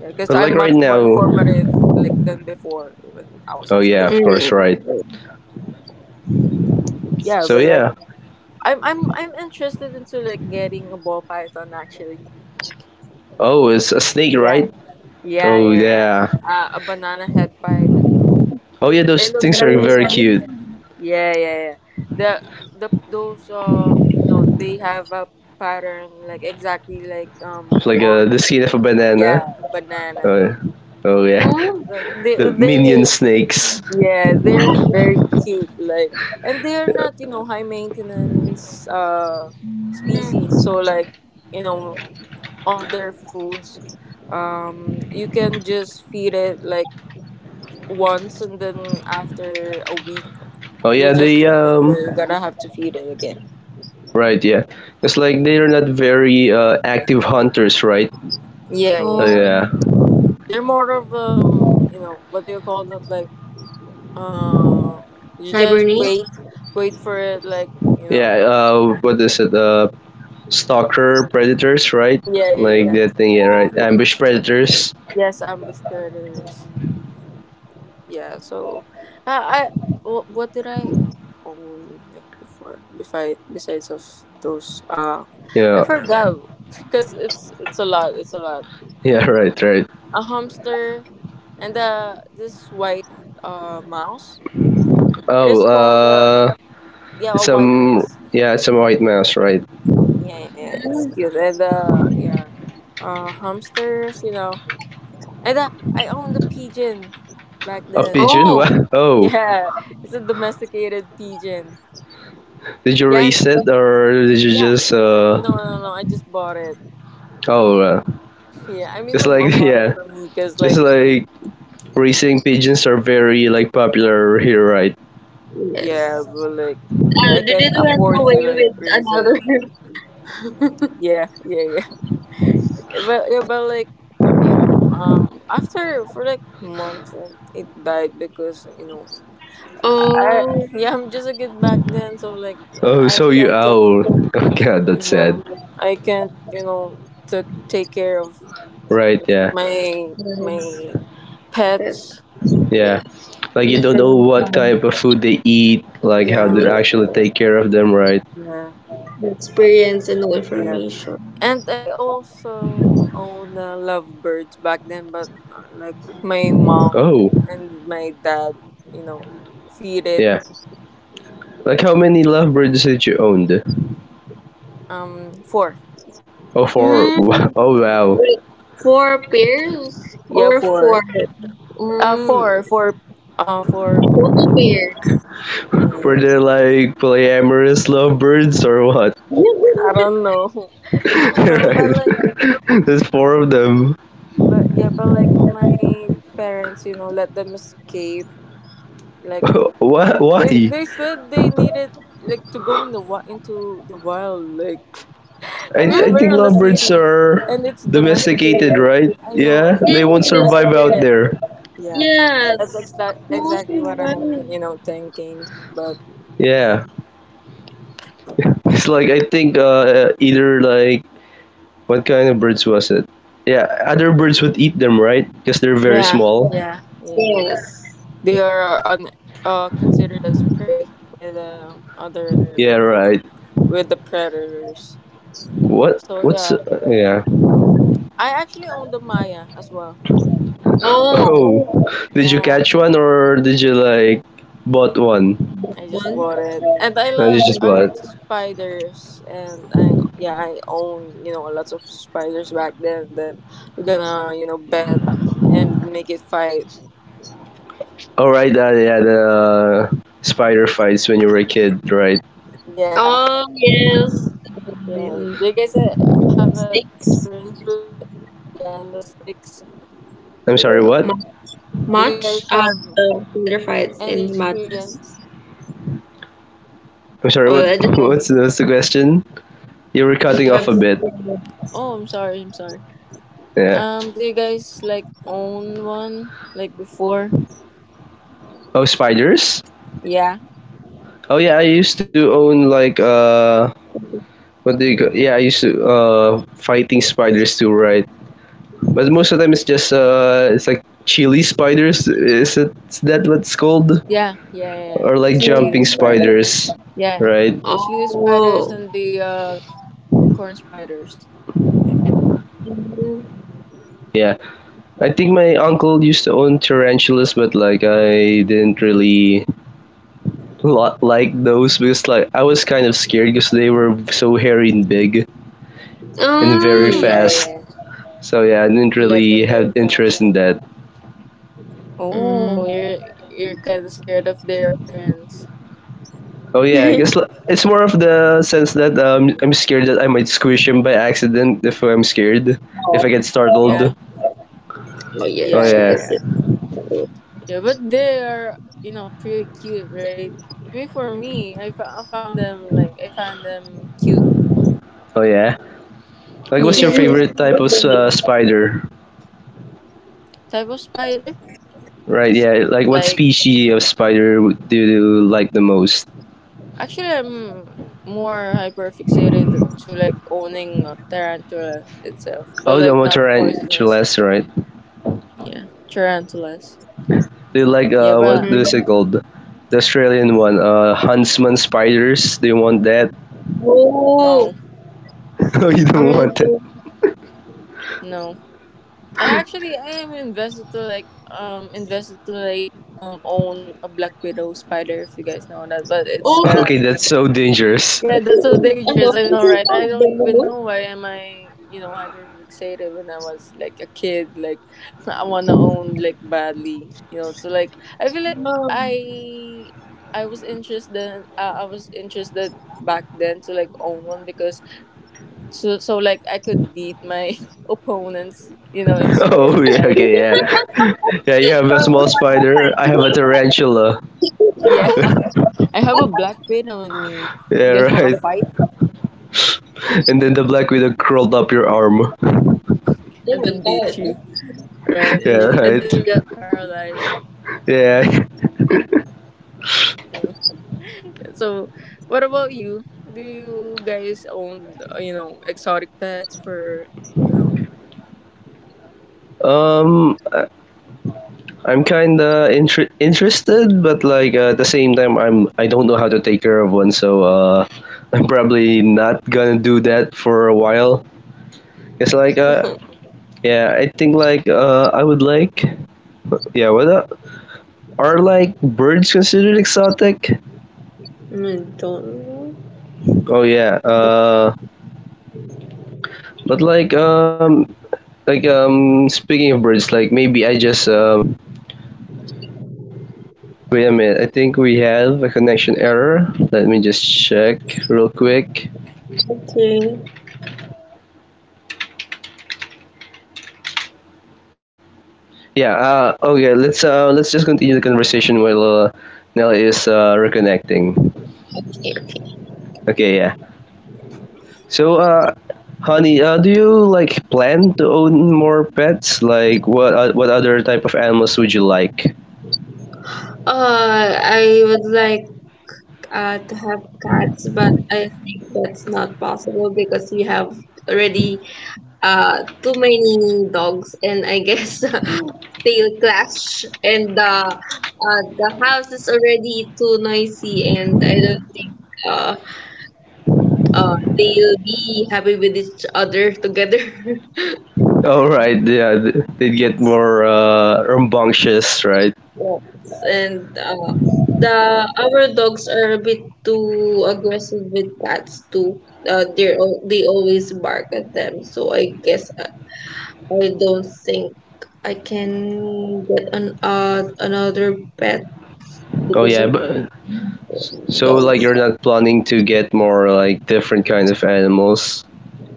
Speaker 1: Yeah, because
Speaker 2: But
Speaker 1: I'm
Speaker 2: like right
Speaker 1: much more
Speaker 2: now,
Speaker 1: informative like than before when I was a
Speaker 2: oh yeah,
Speaker 1: kid.
Speaker 2: of course,
Speaker 3: Mm.
Speaker 2: right.
Speaker 1: Yeah,
Speaker 2: So
Speaker 1: but like
Speaker 2: yeah.
Speaker 1: I'm interested into like getting a ball python actually.
Speaker 2: Oh, it's a snake,
Speaker 1: Yeah.
Speaker 2: right?
Speaker 1: Yeah,
Speaker 2: Oh
Speaker 1: yeah,
Speaker 3: Mm.
Speaker 1: yeah.
Speaker 2: yeah.
Speaker 1: A banana head pied.
Speaker 2: Oh yeah, those
Speaker 1: It looks
Speaker 2: things
Speaker 1: like
Speaker 2: are very
Speaker 1: yeah.
Speaker 2: cute.
Speaker 1: Yeah, yeah, yeah. The
Speaker 3: Mm.
Speaker 1: the those you know they have a pattern like exactly like
Speaker 2: Like
Speaker 1: on
Speaker 2: the skin of a banana.
Speaker 1: yeah
Speaker 2: Oh,
Speaker 1: banana.
Speaker 2: yeah. Oh yeah,
Speaker 3: Oh.
Speaker 1: They
Speaker 2: the
Speaker 1: they
Speaker 2: minion snakes.
Speaker 1: Yeah, they're very cute. Like, and they're not, you know, high maintenance species.
Speaker 3: Mm.
Speaker 1: So like, you know, on their foods, you can just feed it like once, and then after a week,
Speaker 2: Oh
Speaker 1: you
Speaker 2: yeah,
Speaker 1: just
Speaker 2: they
Speaker 1: you're gonna have to feed it again.
Speaker 2: right yeah. It's like they're not very active hunters, right?
Speaker 1: Yeah, yeah,
Speaker 2: Oh
Speaker 3: Oh.
Speaker 1: yeah, yeah.
Speaker 2: yeah,
Speaker 1: They're more of you know, what do you call that? Like, uh, you just
Speaker 3: Hibernate.
Speaker 1: wait, wait for it. Like, you
Speaker 2: yeah.
Speaker 1: know,
Speaker 2: What is it? Stalker predators, right?
Speaker 1: yeah, yeah,
Speaker 2: Like
Speaker 1: yeah,
Speaker 2: that
Speaker 1: yeah.
Speaker 2: thing, yeah, right? Ambush predators.
Speaker 1: Yes, ambush predators. Yeah, so I what did I own like before besides of those I
Speaker 2: Yeah,
Speaker 1: forgot because it's a lot it's a lot,
Speaker 2: yeah, right, right.
Speaker 1: a hamster and this white mouse, it
Speaker 2: Oh,
Speaker 1: is called yeah
Speaker 2: it's
Speaker 1: a white
Speaker 2: some
Speaker 1: mouse.
Speaker 2: yeah, it's a white mouse, right?
Speaker 1: Yeah, yeah, yeah, it's cute and yeah hamsters you know, and I owned a pigeon back
Speaker 2: A
Speaker 1: then.
Speaker 2: pigeon? What?
Speaker 3: Oh,
Speaker 2: Oh,
Speaker 1: Yeah, it's a domesticated pigeon.
Speaker 2: did you
Speaker 1: Yeah, and
Speaker 2: raise it or did you
Speaker 1: yeah,
Speaker 2: just?
Speaker 1: no, no, no, no, I just bought it.
Speaker 2: Oh,
Speaker 1: Yeah, I mean,
Speaker 2: it's
Speaker 1: my
Speaker 2: like
Speaker 1: mom bought it
Speaker 2: yeah,
Speaker 1: for me because,
Speaker 2: it's
Speaker 1: like,
Speaker 2: like racing pigeons are very like popular here, right?
Speaker 1: yeah,
Speaker 3: yes.
Speaker 1: but like, yeah, I
Speaker 3: They
Speaker 1: can't
Speaker 3: did went
Speaker 1: afford to
Speaker 3: away
Speaker 1: like
Speaker 3: with
Speaker 1: raise it.
Speaker 3: another.
Speaker 1: Yeah, yeah, yeah. But yeah, but like, you know, after for like months, it died because you know, I
Speaker 3: Oh,
Speaker 1: yeah, I'm just a kid back then, so like,
Speaker 2: Oh,
Speaker 1: I
Speaker 2: so you
Speaker 1: can't took,
Speaker 2: owl? Oh god,
Speaker 1: you
Speaker 2: that's sad.
Speaker 1: know, I can't, you know, took take care of
Speaker 2: Right? Yeah,
Speaker 1: my
Speaker 3: yes,
Speaker 1: my
Speaker 3: that's,
Speaker 1: pets.
Speaker 2: yeah.
Speaker 3: yes,
Speaker 2: Like you don't
Speaker 3: just
Speaker 2: know
Speaker 3: from,
Speaker 2: what type of food they eat, like how
Speaker 1: Yeah,
Speaker 2: to actually
Speaker 3: yes,
Speaker 2: take care of them, right?
Speaker 1: yeah,
Speaker 3: experience and no
Speaker 1: yeah.
Speaker 3: information.
Speaker 1: And I also own lovebirds back then, but like my mom
Speaker 2: Oh,
Speaker 1: and my dad, you know, feed it.
Speaker 2: yeah. Like how many lovebirds did you owned?
Speaker 1: Four.
Speaker 2: Oh, four.
Speaker 3: Mm,
Speaker 2: Oh wow.
Speaker 3: wait, four pairs
Speaker 1: Yeah,
Speaker 3: or four?
Speaker 1: four. Uh,
Speaker 3: Mm,
Speaker 1: four, four, four.
Speaker 3: photo pairs.
Speaker 1: Yeah,
Speaker 2: Were they like polyamorous lovebirds or what?
Speaker 1: I don't know. I don't know, but
Speaker 2: right.
Speaker 1: like,
Speaker 2: There's four of them.
Speaker 1: but yeah, but like my parents, you know, let them escape. Like
Speaker 2: Why? Why?
Speaker 1: they said they needed like to go in the into the wild, like
Speaker 2: I,
Speaker 1: I
Speaker 3: Mm,
Speaker 2: I
Speaker 1: mean,
Speaker 2: think
Speaker 1: we're on the
Speaker 2: lovebirds
Speaker 1: city,
Speaker 2: are
Speaker 1: and it's
Speaker 2: domesticated,
Speaker 1: domesticated.
Speaker 2: right?
Speaker 1: I know,
Speaker 2: Yeah,
Speaker 1: right?
Speaker 2: they
Speaker 1: It's
Speaker 2: won't
Speaker 3: yes,
Speaker 2: survive out
Speaker 1: domesticated.
Speaker 2: there.
Speaker 1: And yeah, that's
Speaker 3: yes. You must be
Speaker 1: exactly what I'm,
Speaker 3: right.
Speaker 1: you know, thinking. But
Speaker 2: Yeah, it's like I think either like what kind of birds was it? Yeah, other birds would eat them, right? Because they're very
Speaker 1: yeah,
Speaker 2: small.
Speaker 1: yeah, yeah.
Speaker 3: Yes.
Speaker 1: They are considered as prey with other,
Speaker 2: Yeah,
Speaker 1: you know,
Speaker 2: right.
Speaker 1: with the predators.
Speaker 2: What?
Speaker 1: So yeah,
Speaker 2: What's? Yeah.
Speaker 1: I actually own the Maya as well.
Speaker 3: Oh,
Speaker 2: Oh, did you
Speaker 1: Yeah,
Speaker 2: catch one or did you like bought one?
Speaker 1: I just
Speaker 3: one.
Speaker 1: bought it, and
Speaker 2: You just
Speaker 1: I love
Speaker 2: bought.
Speaker 1: spiders, and I yeah I own you know lots of spiders back then. Then we're gonna you know bet and make it fight.
Speaker 2: All right. Yeah, the spider fights when you were a kid, right?
Speaker 1: Yeah,
Speaker 3: Oh, yes.
Speaker 1: yeah.
Speaker 3: Um,
Speaker 1: Do you guys have an
Speaker 3: Six.
Speaker 1: experience with that? Yeah, and the sticks.
Speaker 2: I'm
Speaker 1: So
Speaker 2: sorry.
Speaker 1: like,
Speaker 2: What?
Speaker 1: do you
Speaker 3: Much
Speaker 1: guys
Speaker 3: of
Speaker 1: have
Speaker 3: the theater fights in
Speaker 1: any
Speaker 3: the matches.
Speaker 1: experience
Speaker 2: I'm sorry.
Speaker 3: Well,
Speaker 2: What?
Speaker 3: I just
Speaker 1: on like?
Speaker 2: What's what's the question? You were
Speaker 1: Do you
Speaker 2: cutting
Speaker 3: have.
Speaker 2: off a
Speaker 1: guys?
Speaker 2: bit.
Speaker 1: Oh, I'm sorry. I'm sorry.
Speaker 2: Yeah.
Speaker 1: Do you guys like own one like before?
Speaker 2: Oh, spiders.
Speaker 1: Yeah.
Speaker 2: Oh yeah, I used to own like what do you? Ca- Yeah, I used to fighting spiders too, right? But most of the time it's just it's like chili spiders. Is that what's called?
Speaker 1: Yeah, yeah, yeah, yeah.
Speaker 2: Or like
Speaker 1: It's a cheetah
Speaker 2: jumping
Speaker 1: spider.
Speaker 2: spiders,
Speaker 1: Yeah,
Speaker 2: right?
Speaker 1: cheetah spiders and
Speaker 3: Oh.
Speaker 1: the corn spiders.
Speaker 2: Yeah. I think my uncle used to own tarantulas, but like I didn't really lot like those because like I was kind of scared because they were so hairy and big, and very
Speaker 1: Yeah,
Speaker 3: Um.
Speaker 2: fast.
Speaker 1: yeah,
Speaker 2: So yeah, I didn't
Speaker 1: yeah. They're
Speaker 2: really
Speaker 1: very
Speaker 2: have interest
Speaker 1: fast.
Speaker 2: in that.
Speaker 1: Oh,
Speaker 3: Mm.
Speaker 1: you're kind of scared of their appearance.
Speaker 2: Oh yeah, I guess it's more of the sense that I'm scared that I might squish him by accident if I'm scared, if I
Speaker 3: Oh,
Speaker 2: get
Speaker 3: oh,
Speaker 1: Yeah,
Speaker 2: startled.
Speaker 3: oh, yes,
Speaker 2: Oh
Speaker 1: yeah,
Speaker 3: she
Speaker 1: yeah,
Speaker 3: can
Speaker 2: yeah,
Speaker 1: yeah. Yeah, but they are you know pretty cute, right? I mean, for me, I found them like I found them cute.
Speaker 2: oh yeah.
Speaker 1: Yeah,
Speaker 2: Like, what's your
Speaker 3: see.
Speaker 1: yeah, yeah.
Speaker 2: favorite type of spider?
Speaker 1: Type of spider,
Speaker 2: Right, yeah. Like, what
Speaker 1: like
Speaker 2: species of spider do you like the most?
Speaker 1: actually, I'm more hyper fixated to like owning a tarantula itself, but
Speaker 2: Oh,
Speaker 1: like not poisonous.
Speaker 2: tarantulas, right?
Speaker 1: Yeah, tarantulas.
Speaker 2: Do you like
Speaker 1: Yeah,
Speaker 2: what
Speaker 1: but
Speaker 3: Mm.
Speaker 2: is it called? The Australian one, huntsman spiders. Do you want that?
Speaker 3: Oh,
Speaker 1: no,
Speaker 2: oh, you don't
Speaker 3: I'm,
Speaker 2: want that.
Speaker 1: no. I actually I am invested to like own a black widow spider if you guys know that, but it's
Speaker 3: oh, the,
Speaker 2: Okay,
Speaker 1: kinda
Speaker 2: that's so dangerous.
Speaker 1: yeah, that's so
Speaker 3: I
Speaker 1: dangerous.
Speaker 3: love.
Speaker 1: I
Speaker 3: This
Speaker 1: know,
Speaker 3: is
Speaker 1: right?
Speaker 3: not
Speaker 1: I don't
Speaker 3: the
Speaker 1: even
Speaker 3: most.
Speaker 1: know why am I, you know, hyper fixated when I was like a kid. Like, I wanna own like badly, you know. So like, I feel like
Speaker 3: Um,
Speaker 1: I, I was interested. I was interested back then to like own one because so like I could beat my opponents, you know, in
Speaker 2: Oh,
Speaker 1: spider
Speaker 2: yeah, okay,
Speaker 1: fighting.
Speaker 2: yeah. Yeah, you have a small
Speaker 3: oh
Speaker 2: spider, I have a tarantula.
Speaker 1: Yeah, I have a black widow in me.
Speaker 2: Yeah,
Speaker 1: You guys wanna
Speaker 2: right.
Speaker 1: fight?
Speaker 2: And then the black widow crawled up your arm.
Speaker 1: And
Speaker 3: my
Speaker 1: then
Speaker 3: god.
Speaker 1: beat you, right?
Speaker 2: Yeah,
Speaker 1: And you and then
Speaker 2: right.
Speaker 1: you got paralyzed.
Speaker 2: Yeah.
Speaker 1: So, what about you? Do you guys own, you know, exotic pets for, you know,
Speaker 2: Um, I- I'm kinda interested, but like at the same time, I don't know how to take care of one, so I'm probably not gonna do that for a while. It's like yeah, I think like I would like yeah, what? Are like birds considered exotic?
Speaker 3: Mm, don't.
Speaker 2: Oh yeah. But like speaking of birds, like maybe I just wait a minute. I think we have a connection error. Let me just check real quick.
Speaker 3: Okay.
Speaker 2: Yeah. Okay. Let's just continue the conversation while Nella is reconnecting. Okay. Yeah. So. Honey, do you like plan to own more pets? Like, what other type of animals would you like?
Speaker 3: I would like, to have cats, but I think that's not possible because we have already, uh, too many dogs, and I guess they'll clash, and the house is already too noisy, and I don't think, uh, they'll be happy with each other together.
Speaker 2: Oh right, yeah, they'd get more rambunctious, right?
Speaker 3: Yes, and the our dogs are a bit too aggressive with cats too. They always bark at them, so I guess I don't think I can get an another pet
Speaker 2: Oh
Speaker 3: because
Speaker 2: yeah,
Speaker 3: of
Speaker 2: but so
Speaker 3: dogs.
Speaker 2: like you're not planning to get more like different kind of animals.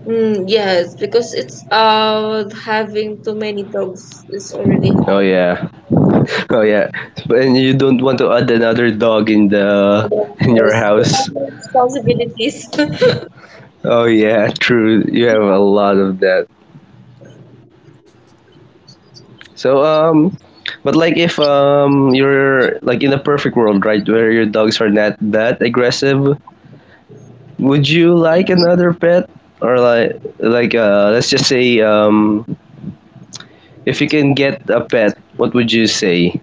Speaker 3: Mm, yes, because it's having too many dogs is already
Speaker 2: Oh
Speaker 3: hard.
Speaker 2: yeah, oh yeah, and you don't want to add another dog in your
Speaker 3: Yes, too
Speaker 2: house.
Speaker 3: many responsibilities.
Speaker 2: Oh yeah, true. You have a lot of that. So but like if you're like in a perfect world, right, where your dogs are not that aggressive, would you like another pet, or like let's just say if you can get a pet, what would you say?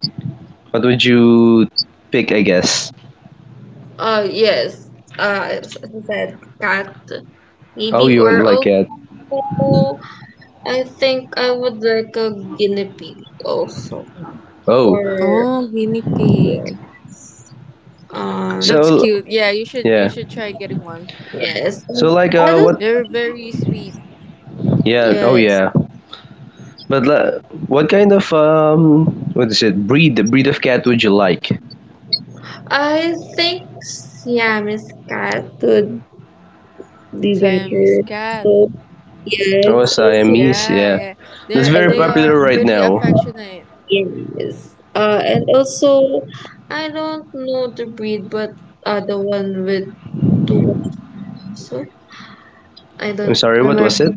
Speaker 2: What would you pick? I guess.
Speaker 3: Yes, as I said, cat.
Speaker 2: Oh,
Speaker 3: Maybe,
Speaker 2: you want
Speaker 3: or
Speaker 2: like
Speaker 3: also
Speaker 2: cat.
Speaker 3: I think I would like a guinea pig also.
Speaker 2: Oh,
Speaker 3: Or
Speaker 4: Oh, guinea pig.
Speaker 3: yes. Um
Speaker 4: That's
Speaker 2: so
Speaker 4: cute. Yeah, you should you
Speaker 2: yeah.
Speaker 4: should try getting one. Yeah.
Speaker 3: yes.
Speaker 2: So like
Speaker 3: I don't.
Speaker 2: what?
Speaker 4: They're very sweet.
Speaker 2: Yeah. Oh
Speaker 3: Yes.
Speaker 2: yeah. But what kind of what is it? Breed the breed of cat would you like?
Speaker 3: I think Siamese cat would be better.
Speaker 4: Siamese cat.
Speaker 3: So
Speaker 2: Oh,
Speaker 3: yes, also
Speaker 2: Siamese. Yeah,
Speaker 4: Yeah, yeah.
Speaker 2: that's
Speaker 3: I
Speaker 4: They're
Speaker 2: very
Speaker 3: like
Speaker 4: they
Speaker 2: popular
Speaker 4: are
Speaker 2: right
Speaker 4: pretty
Speaker 2: now.
Speaker 4: affectionate
Speaker 3: Siamese. And also, I don't know the breed, but the one with two, so I
Speaker 2: I'm
Speaker 3: don't
Speaker 2: sorry. What was
Speaker 3: remember.
Speaker 2: it?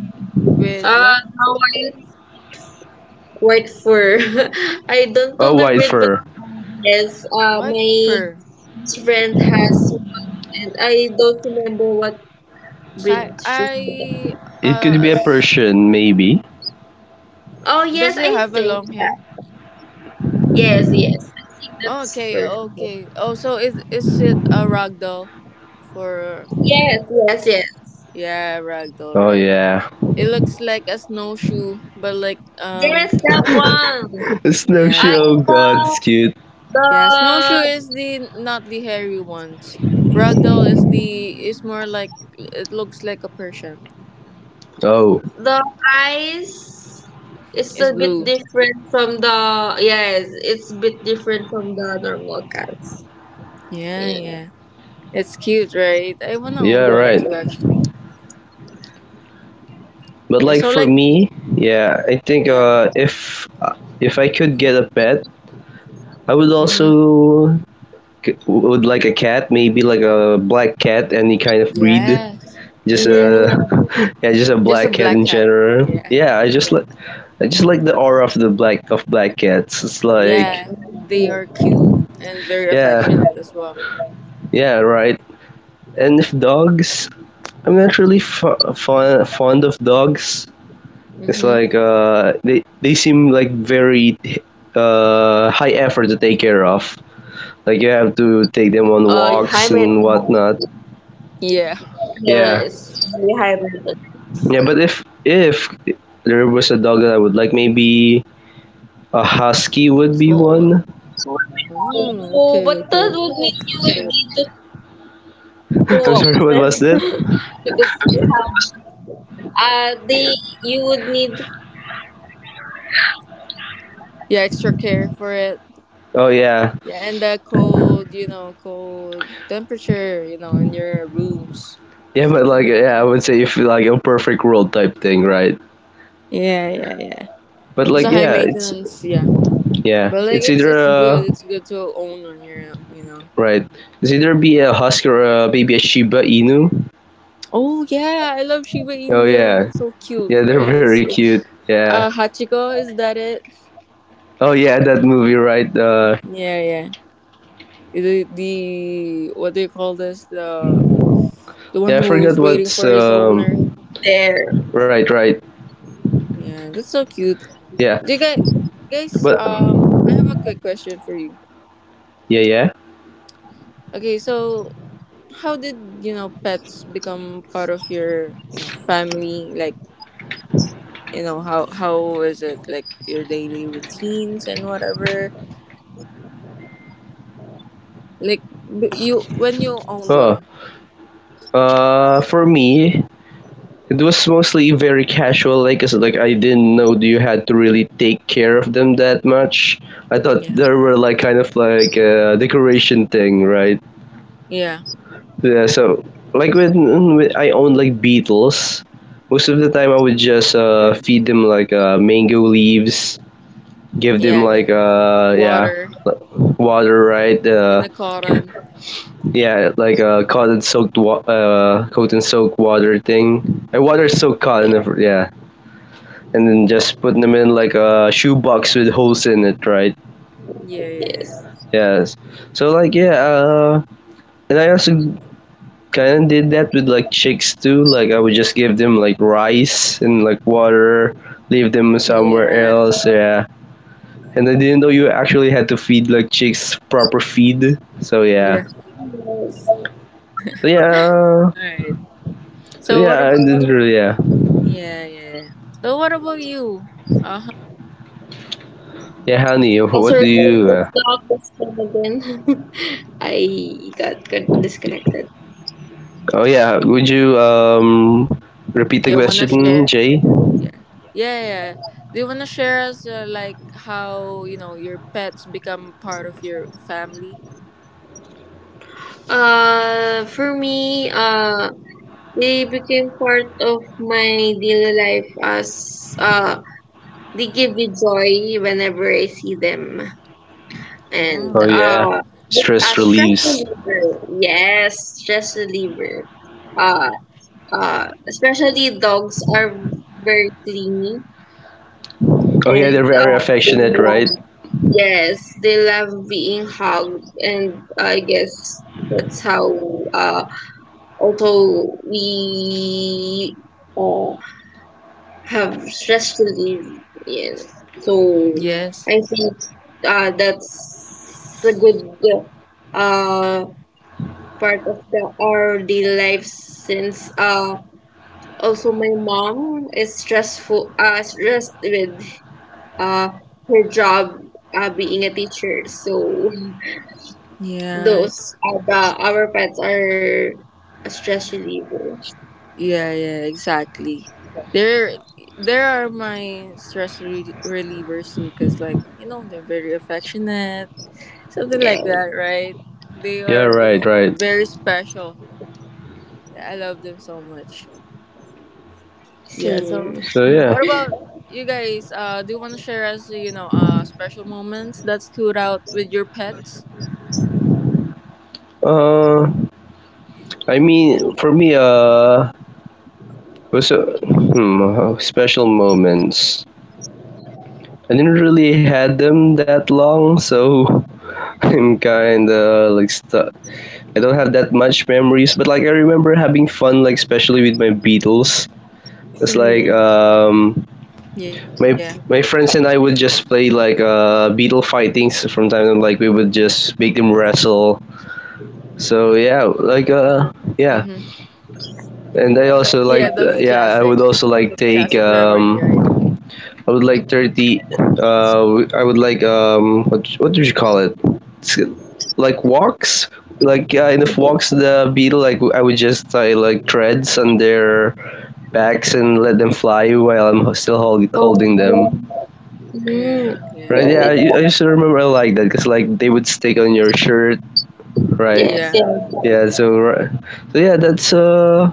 Speaker 3: Now
Speaker 4: with what?
Speaker 3: I. White fur. I don't know
Speaker 2: Oh,
Speaker 3: the
Speaker 2: white
Speaker 3: breed, but
Speaker 2: fur.
Speaker 3: yes,
Speaker 4: White
Speaker 3: my
Speaker 4: fur.
Speaker 3: friend has one. I don't remember what breed
Speaker 4: Si-
Speaker 3: she's with.
Speaker 4: I
Speaker 2: It could
Speaker 4: uh
Speaker 2: be a
Speaker 4: s-
Speaker 2: Persian, maybe.
Speaker 3: Oh
Speaker 4: does
Speaker 3: yes,
Speaker 4: it
Speaker 3: I
Speaker 4: have a
Speaker 3: think
Speaker 4: long
Speaker 3: that.
Speaker 4: hair?
Speaker 3: Yes, yes, I think that's
Speaker 4: Okay,
Speaker 3: perfect.
Speaker 4: okay. Oh, so is it a ragdoll for, yeah.
Speaker 3: Yes, yes, yes,
Speaker 4: Yeah, ragdoll,
Speaker 2: Oh
Speaker 4: right.
Speaker 2: yeah,
Speaker 4: It looks like a snowshoe, but like,
Speaker 3: yes, that one.
Speaker 2: snowshoe.
Speaker 3: I
Speaker 4: yeah.
Speaker 2: Oh god, it's cute.
Speaker 3: the
Speaker 4: Yeah, snowshoe
Speaker 3: the
Speaker 4: is the not the hairy ones. Ragdoll is more like it looks like a Persian.
Speaker 2: Oh
Speaker 3: the eyes is
Speaker 4: It's
Speaker 3: a bit
Speaker 4: blue.
Speaker 3: different from the, yes, it's a bit different from the normal cats.
Speaker 4: Yeah,
Speaker 3: Yeah.
Speaker 4: yeah. It's cute, right? I wanna
Speaker 2: yeah,
Speaker 4: own one
Speaker 2: right.
Speaker 4: too,
Speaker 3: Yeah.
Speaker 4: actually.
Speaker 2: But
Speaker 4: Yeah.
Speaker 2: like
Speaker 4: So
Speaker 2: for
Speaker 4: like,
Speaker 2: me, yeah, I think
Speaker 4: yeah.
Speaker 2: if I could get a pet, I would
Speaker 4: Mhm.
Speaker 2: also would like a cat, maybe like a black cat, any kind of breed.
Speaker 4: Yes.
Speaker 2: Just a
Speaker 4: Yeah.
Speaker 2: yeah, just a
Speaker 4: Just a
Speaker 2: black cat
Speaker 4: black
Speaker 2: in
Speaker 4: cat.
Speaker 2: general.
Speaker 4: Yeah.
Speaker 2: Yeah, I just
Speaker 4: Yeah.
Speaker 2: like. I just like the aura of the black of black cats. It's like
Speaker 4: Yeah. They
Speaker 3: Mm.
Speaker 4: are cute and very
Speaker 2: yeah,
Speaker 4: affectionate as well.
Speaker 2: yeah, right. And if dogs, I'm not really fond of dogs. It's
Speaker 4: Mhm.
Speaker 2: like they seem like very high effort to take care of. Like you have to take them on
Speaker 3: High maintenance,
Speaker 2: walks and whatnot.
Speaker 4: Yeah.
Speaker 2: Yeah,
Speaker 3: yes, really high maintenance,
Speaker 2: yeah. But if there was a dog that I would like, maybe a husky would be
Speaker 3: small one.
Speaker 2: one.
Speaker 3: So,
Speaker 4: Mm, okay.
Speaker 3: what
Speaker 4: Okay.
Speaker 3: does it mean?
Speaker 2: I'm sorry, what was it?
Speaker 4: Yeah. Yeah. Extra care for it.
Speaker 2: Oh yeah,
Speaker 4: Yeah, and the cold, cold temperature, in your rooms,
Speaker 2: yeah. But
Speaker 4: something
Speaker 2: like
Speaker 4: like
Speaker 2: yeah, I
Speaker 4: that.
Speaker 2: would say if like a perfect world type thing, right?
Speaker 4: Yeah, yeah, yeah.
Speaker 2: But
Speaker 4: It's
Speaker 2: like
Speaker 4: a high maintenance, yeah.
Speaker 2: yeah,
Speaker 4: But like,
Speaker 2: it's
Speaker 4: it's
Speaker 2: either
Speaker 4: it's good.
Speaker 2: a
Speaker 4: It's good to own on your.
Speaker 2: right. It's either be a husky or maybe a Shiba Inu.
Speaker 4: Oh yeah, I love Shiba
Speaker 2: Oh
Speaker 4: Inu. They were
Speaker 2: yeah,
Speaker 4: so cute,
Speaker 2: yeah, they're
Speaker 4: right? It's
Speaker 2: very
Speaker 4: like,
Speaker 2: cute. Yeah.
Speaker 4: Hachiko. Is that it?
Speaker 2: Oh yeah, that movie, right?
Speaker 4: Yeah, yeah. The what do you call this? The
Speaker 2: Yeah,
Speaker 4: one
Speaker 2: I forgot
Speaker 4: who's waiting
Speaker 2: what's
Speaker 4: for his owner.
Speaker 2: um. Right,
Speaker 3: There.
Speaker 2: right.
Speaker 4: Yeah, that's so cute.
Speaker 2: Yeah,
Speaker 4: Do you guys, guys,
Speaker 2: but
Speaker 4: um, I have a quick question for you.
Speaker 2: yeah, yeah.
Speaker 4: Okay, so how did you know pets become part of your family? Like, how is it like your daily routines and whatever? Like b- you when you owned
Speaker 2: Oh,
Speaker 4: one,
Speaker 2: for me, it was mostly very casual. Like, cause like I didn't know you had to really take care of them that much. I thought
Speaker 4: yeah,
Speaker 2: they were like kind of like a decoration thing, right?
Speaker 4: yeah,
Speaker 2: Yeah, so like when I owned like beetles, most of the time I would
Speaker 3: Mm.
Speaker 2: just feed them like mango leaves, give them
Speaker 4: yeah, yeah.
Speaker 2: like yeah
Speaker 4: Water
Speaker 2: like, water right
Speaker 4: in the cotton,
Speaker 2: yeah like a cotton soaked water thing I water
Speaker 4: yeah,
Speaker 2: soaked
Speaker 3: Ye-
Speaker 2: cotton if- yeah, and then just putting them in like a shoebox with holes in it right
Speaker 4: yeah, yeah, yeah,
Speaker 3: Yes.
Speaker 2: yes so like yeah and I also kind of did that with like chicks too. Like I would just give them like rice and like water, leave them somewhere
Speaker 4: yeah.
Speaker 2: else. Yeah, and I didn't know you actually had to feed like chicks proper feed.
Speaker 4: Yeah.
Speaker 3: Yes.
Speaker 2: So yeah,
Speaker 4: All right.
Speaker 2: so
Speaker 4: So what
Speaker 2: yeah, I
Speaker 4: about,
Speaker 2: didn't really yeah.
Speaker 4: yeah, yeah? Yeah. So what about you? Uh huh.
Speaker 2: Yeah, honey,
Speaker 3: Also,
Speaker 2: what do you?
Speaker 3: let's not this time again. I got disconnected.
Speaker 2: Oh yeah, would you repeat the
Speaker 4: You wanna
Speaker 2: question,
Speaker 4: share?
Speaker 2: Jay?
Speaker 4: Yeah. Yeah, yeah. Yeah. Do you want to share us, like how, your pets become part of your family?
Speaker 3: For me, they became part of my daily life as, they give me joy whenever I see them, and,
Speaker 2: Oh
Speaker 4: Oh.
Speaker 2: yeah,
Speaker 3: but a
Speaker 2: stress
Speaker 3: stress
Speaker 2: relieves.
Speaker 3: reliever. Yes, stress reliever. Uh, Especially dogs are very clingy,
Speaker 2: Oh yeah, they're
Speaker 3: and
Speaker 2: very
Speaker 3: um, they
Speaker 2: affectionate,
Speaker 3: love,
Speaker 2: right?
Speaker 3: yes, they love being hugged, and I guess that's how. Uh, Although we, uh, have stress relief, yes. So
Speaker 4: Yes.
Speaker 3: I think, that's a good, uh part of the our daily life since, also my mom is stressful stressed with, uh, her job, being a teacher. So
Speaker 4: Yeah,
Speaker 3: those,
Speaker 4: it's
Speaker 3: the, our pets are a stress reliever.
Speaker 4: yeah, yeah, exactly. There, there are my stress relievers too, cuz like, they're very affectionate, something
Speaker 3: Yeah,
Speaker 4: like that, right? They
Speaker 2: Yeah,
Speaker 4: are,
Speaker 2: right, right.
Speaker 4: very special. I love them so much. Yeah,
Speaker 3: same.
Speaker 4: so
Speaker 2: So yeah.
Speaker 4: what about you guys? Do you want to share us, special moments that stood out with your pets?
Speaker 2: Uh, I mean, for me, was a special moments. I didn't really had them that long, so I'm kinda like stuck. I don't have that much memories, but like I remember having fun, like especially with my Beatles. It's like
Speaker 3: Mm.
Speaker 4: Yeah.
Speaker 2: my my friends and I would just play like beetle fightings from time to time. Like we would just make them wrestle. So yeah,
Speaker 4: Mm-hmm.
Speaker 2: like yeah,
Speaker 4: Yeah,
Speaker 2: and
Speaker 4: that's
Speaker 2: I also
Speaker 4: classic.
Speaker 2: like
Speaker 4: A
Speaker 2: yeah,
Speaker 4: classic memory, right?
Speaker 2: I would like 30. I would like what do you call it? It's like walks, like enough walks the beetle. Like I would just tie like threads on their backs and let them fly while I'm still
Speaker 3: Oh,
Speaker 2: holding them.
Speaker 4: Yeah,
Speaker 3: mm.
Speaker 4: yeah,
Speaker 2: Right?
Speaker 3: Yeah,
Speaker 2: Yeah, I,
Speaker 3: like that.
Speaker 2: I used to remember I like that because like they would stick on your shirt, right?
Speaker 3: Yes,
Speaker 4: yeah.
Speaker 3: yes.
Speaker 2: Yeah, so yeah, that's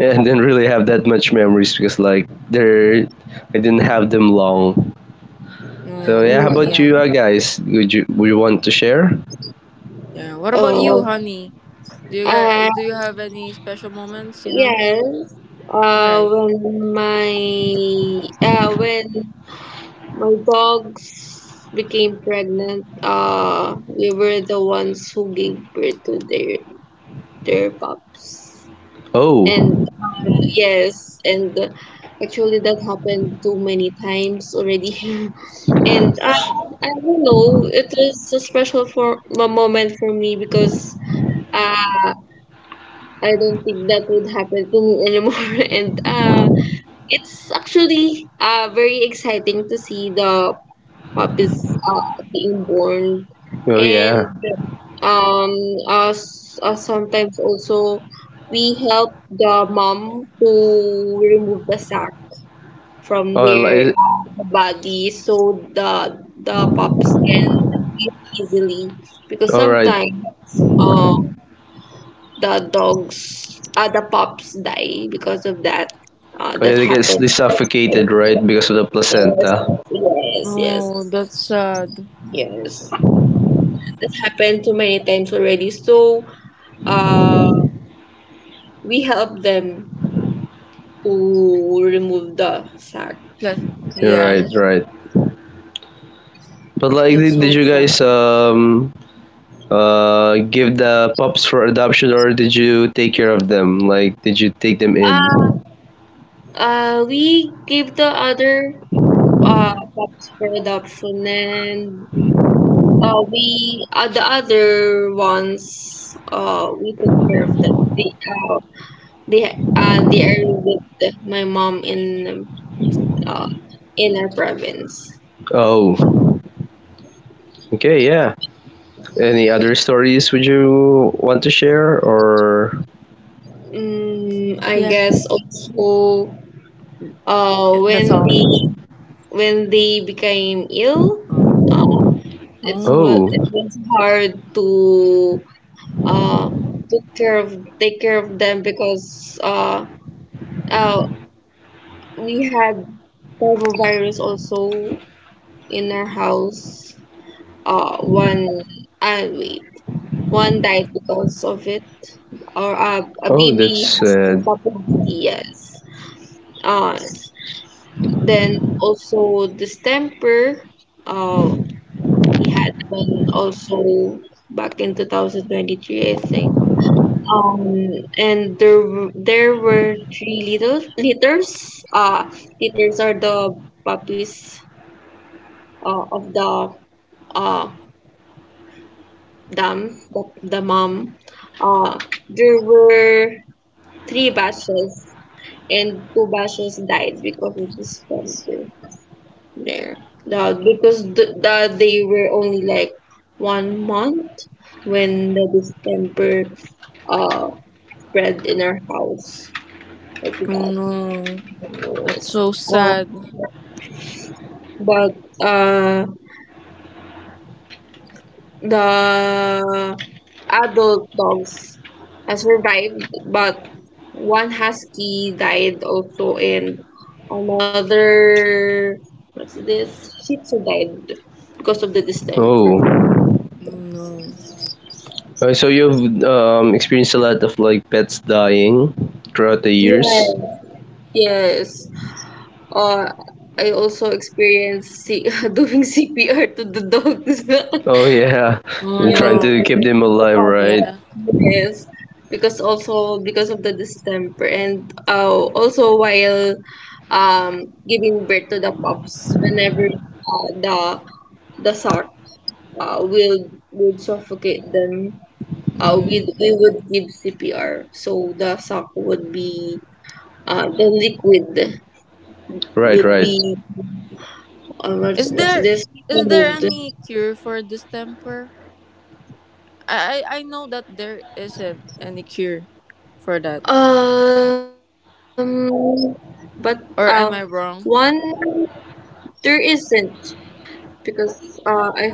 Speaker 2: yeah, I didn't really have that much memories because like they're I didn't have them long. So
Speaker 4: Oh,
Speaker 2: yeah, how
Speaker 3: Mm.
Speaker 2: about
Speaker 4: yeah,
Speaker 2: you guys? Would you want to share?
Speaker 4: yeah. What about
Speaker 3: Oh,
Speaker 4: you, honey? Do you guys,
Speaker 3: uh,
Speaker 4: do you have any special moments? You know.
Speaker 3: yes.
Speaker 4: All
Speaker 3: Uh,
Speaker 4: right.
Speaker 3: when my when my dogs became pregnant, we were the ones who gave birth to their pups.
Speaker 2: Oh,
Speaker 3: And yes, and, actually that happened too many times already. And I don't know, it was a special for a moment for me because, uh, I don't think that would happen to me anymore. And, it's actually, very exciting to see the pup are being born,
Speaker 2: oh
Speaker 3: and
Speaker 2: yeah.
Speaker 3: um us, sometimes also we help the mom to remove the sack from
Speaker 2: Oh,
Speaker 3: their, body, so the pups can easily, because
Speaker 2: all right.
Speaker 3: sometimes, uh, the dogs, the pups die because of that,
Speaker 2: Oh
Speaker 3: that
Speaker 2: yeah, they
Speaker 3: happened,
Speaker 2: suffocated right because of the
Speaker 3: yes,
Speaker 2: placenta.
Speaker 3: yes, yes,
Speaker 4: Oh, that's sad.
Speaker 3: yes, that happened too many times already, so Uh, we help them to remove the sack.
Speaker 4: Pla-
Speaker 2: You're
Speaker 4: Yeah,
Speaker 2: right,
Speaker 3: Yes.
Speaker 2: right. But like,
Speaker 4: that's
Speaker 2: did
Speaker 4: so
Speaker 2: you guys
Speaker 4: sad.
Speaker 2: give the pups for adoption or did you take care of them? Like, did you take them in?
Speaker 3: Uh, we give the other, pups for adoption, and, we the other ones, we took care of them. They they are with my mom uh, in our province.
Speaker 2: Oh, okay, yeah. Any other stories would you want to share or?
Speaker 3: Mm,
Speaker 4: Yeah,
Speaker 3: I guess also, uh,
Speaker 4: that's all.
Speaker 3: when they when they became ill,
Speaker 4: Oh,
Speaker 3: uh,
Speaker 4: oh,
Speaker 2: Oh,
Speaker 3: it was hard to uh took care of take care of them because uh we had parvovirus also in our house. uh one uh wait One died because of it. Or, a
Speaker 2: oh,
Speaker 3: baby
Speaker 2: that's
Speaker 3: has
Speaker 2: sad.
Speaker 3: capacity, yes. uh then also distemper, uh we had one also back in 2023, I think. Um, and there there were three little litters. Uh, Litters are the puppies, of the, uh dam, the mom. Uh, there were three batches, and two batches died because of the sperm there. Because they were only like 1 month when the distemper uh spread in our house like
Speaker 4: oh
Speaker 3: that.
Speaker 4: no, that's
Speaker 3: Yes.
Speaker 4: so
Speaker 3: Uh,
Speaker 4: sad.
Speaker 3: but, uh, the adult dogs has survived, but one husky died also, and another, what's this? Shih Tzu died because of the
Speaker 2: Oh.
Speaker 3: distemper.
Speaker 4: Oh no.
Speaker 2: So you've experienced a lot of like pets dying throughout the years.
Speaker 3: Yes. Yes. Uh, I also experienced doing CPR to the dogs.
Speaker 2: Oh yeah,
Speaker 4: Oh
Speaker 2: and trying
Speaker 3: Yes.
Speaker 4: no.
Speaker 2: to keep them alive, right?
Speaker 4: Yeah.
Speaker 3: Yes, because also because of the distemper and, also while giving birth to the pups, whenever, the shark, will would suffocate them, we
Speaker 4: Mm.
Speaker 3: we would give CPR, so the shark would be, the liquid would
Speaker 2: Right,
Speaker 3: be,
Speaker 2: right.
Speaker 3: what's,
Speaker 4: Is
Speaker 3: what's
Speaker 4: there is there any cure for distemper?
Speaker 3: this
Speaker 4: I know that
Speaker 3: removed.
Speaker 4: there isn't any cure for that.
Speaker 3: Um,
Speaker 4: Or am
Speaker 3: there
Speaker 4: I wrong?
Speaker 3: isn't actually, but, uh I think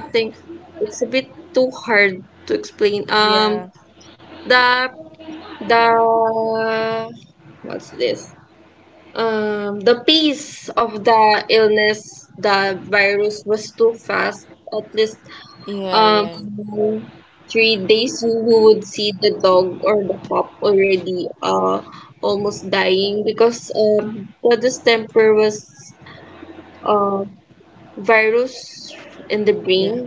Speaker 3: it's a bit too hard to explain.
Speaker 4: Yeah.
Speaker 3: The the what's this? The pace of the illness, the virus was too fast. At least,
Speaker 4: Yeah,
Speaker 3: um
Speaker 4: yeah.
Speaker 3: 3 days, you would see the dog or the pup already, almost dying because, the distemper was, uh virus in the brain.
Speaker 4: Yeah.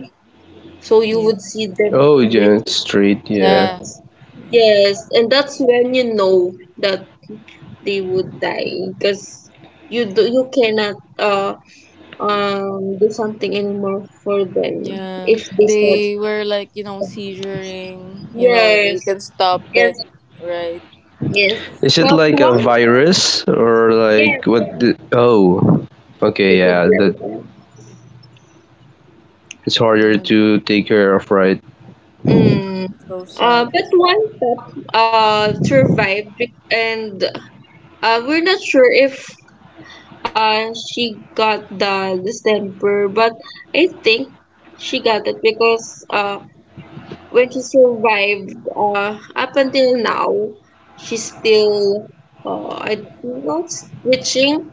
Speaker 3: So you
Speaker 4: Yeah.
Speaker 3: would see them
Speaker 2: Oh
Speaker 3: with.
Speaker 2: yeah, street. Yeah.
Speaker 3: Yes.
Speaker 4: Yeah. Yeah.
Speaker 3: Yes, and that's when you know that they would die because you do, you cannot, do something anymore for them
Speaker 4: Yeah.
Speaker 3: if they said,
Speaker 4: They were like, seizuring,
Speaker 3: yes,
Speaker 4: you can stop
Speaker 3: yes,
Speaker 4: it, right?
Speaker 3: yes.
Speaker 2: Is it
Speaker 3: But
Speaker 2: like a
Speaker 3: one.
Speaker 2: virus or like
Speaker 3: Yes,
Speaker 2: what? Oh, okay.
Speaker 3: it
Speaker 2: Yeah,
Speaker 3: would
Speaker 2: that
Speaker 3: happen.
Speaker 2: it's
Speaker 4: Yeah,
Speaker 2: harder to take care of, right?
Speaker 3: Mm.
Speaker 4: so sad.
Speaker 3: But one pet survived. And we're not sure if and she got the distemper, but I think she got it because when she survived up until now, she's still I think not twitching,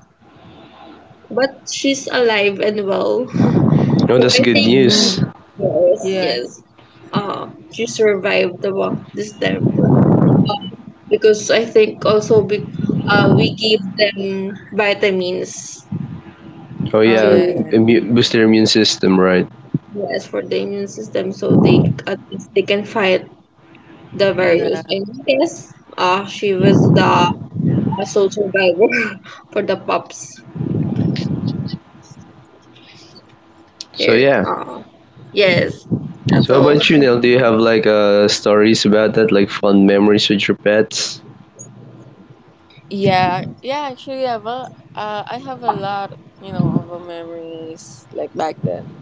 Speaker 3: but she's alive and well.
Speaker 2: Oh,
Speaker 3: So
Speaker 2: that's
Speaker 3: I
Speaker 2: good
Speaker 3: think
Speaker 2: news.
Speaker 4: Hmm.
Speaker 3: yes,
Speaker 4: Yeah.
Speaker 3: yes, uh, she survived the distemper because I think also we gave them vitamins.
Speaker 2: Oh
Speaker 4: Oh
Speaker 2: yeah,
Speaker 3: So
Speaker 4: yeah,
Speaker 2: boost their immune system, right?
Speaker 3: yes, for the immune system, so they at least they can fight the virus.
Speaker 4: yeah.
Speaker 3: And yes, she was the sole survivor for the pups
Speaker 2: So
Speaker 3: there.
Speaker 2: yeah.
Speaker 3: Yes, that's
Speaker 2: So how
Speaker 3: all.
Speaker 2: about you, Neil? Do you have like stories about that, like fun memories with your pets?
Speaker 4: Yeah, yeah, actually, I have a lot of memories like back then.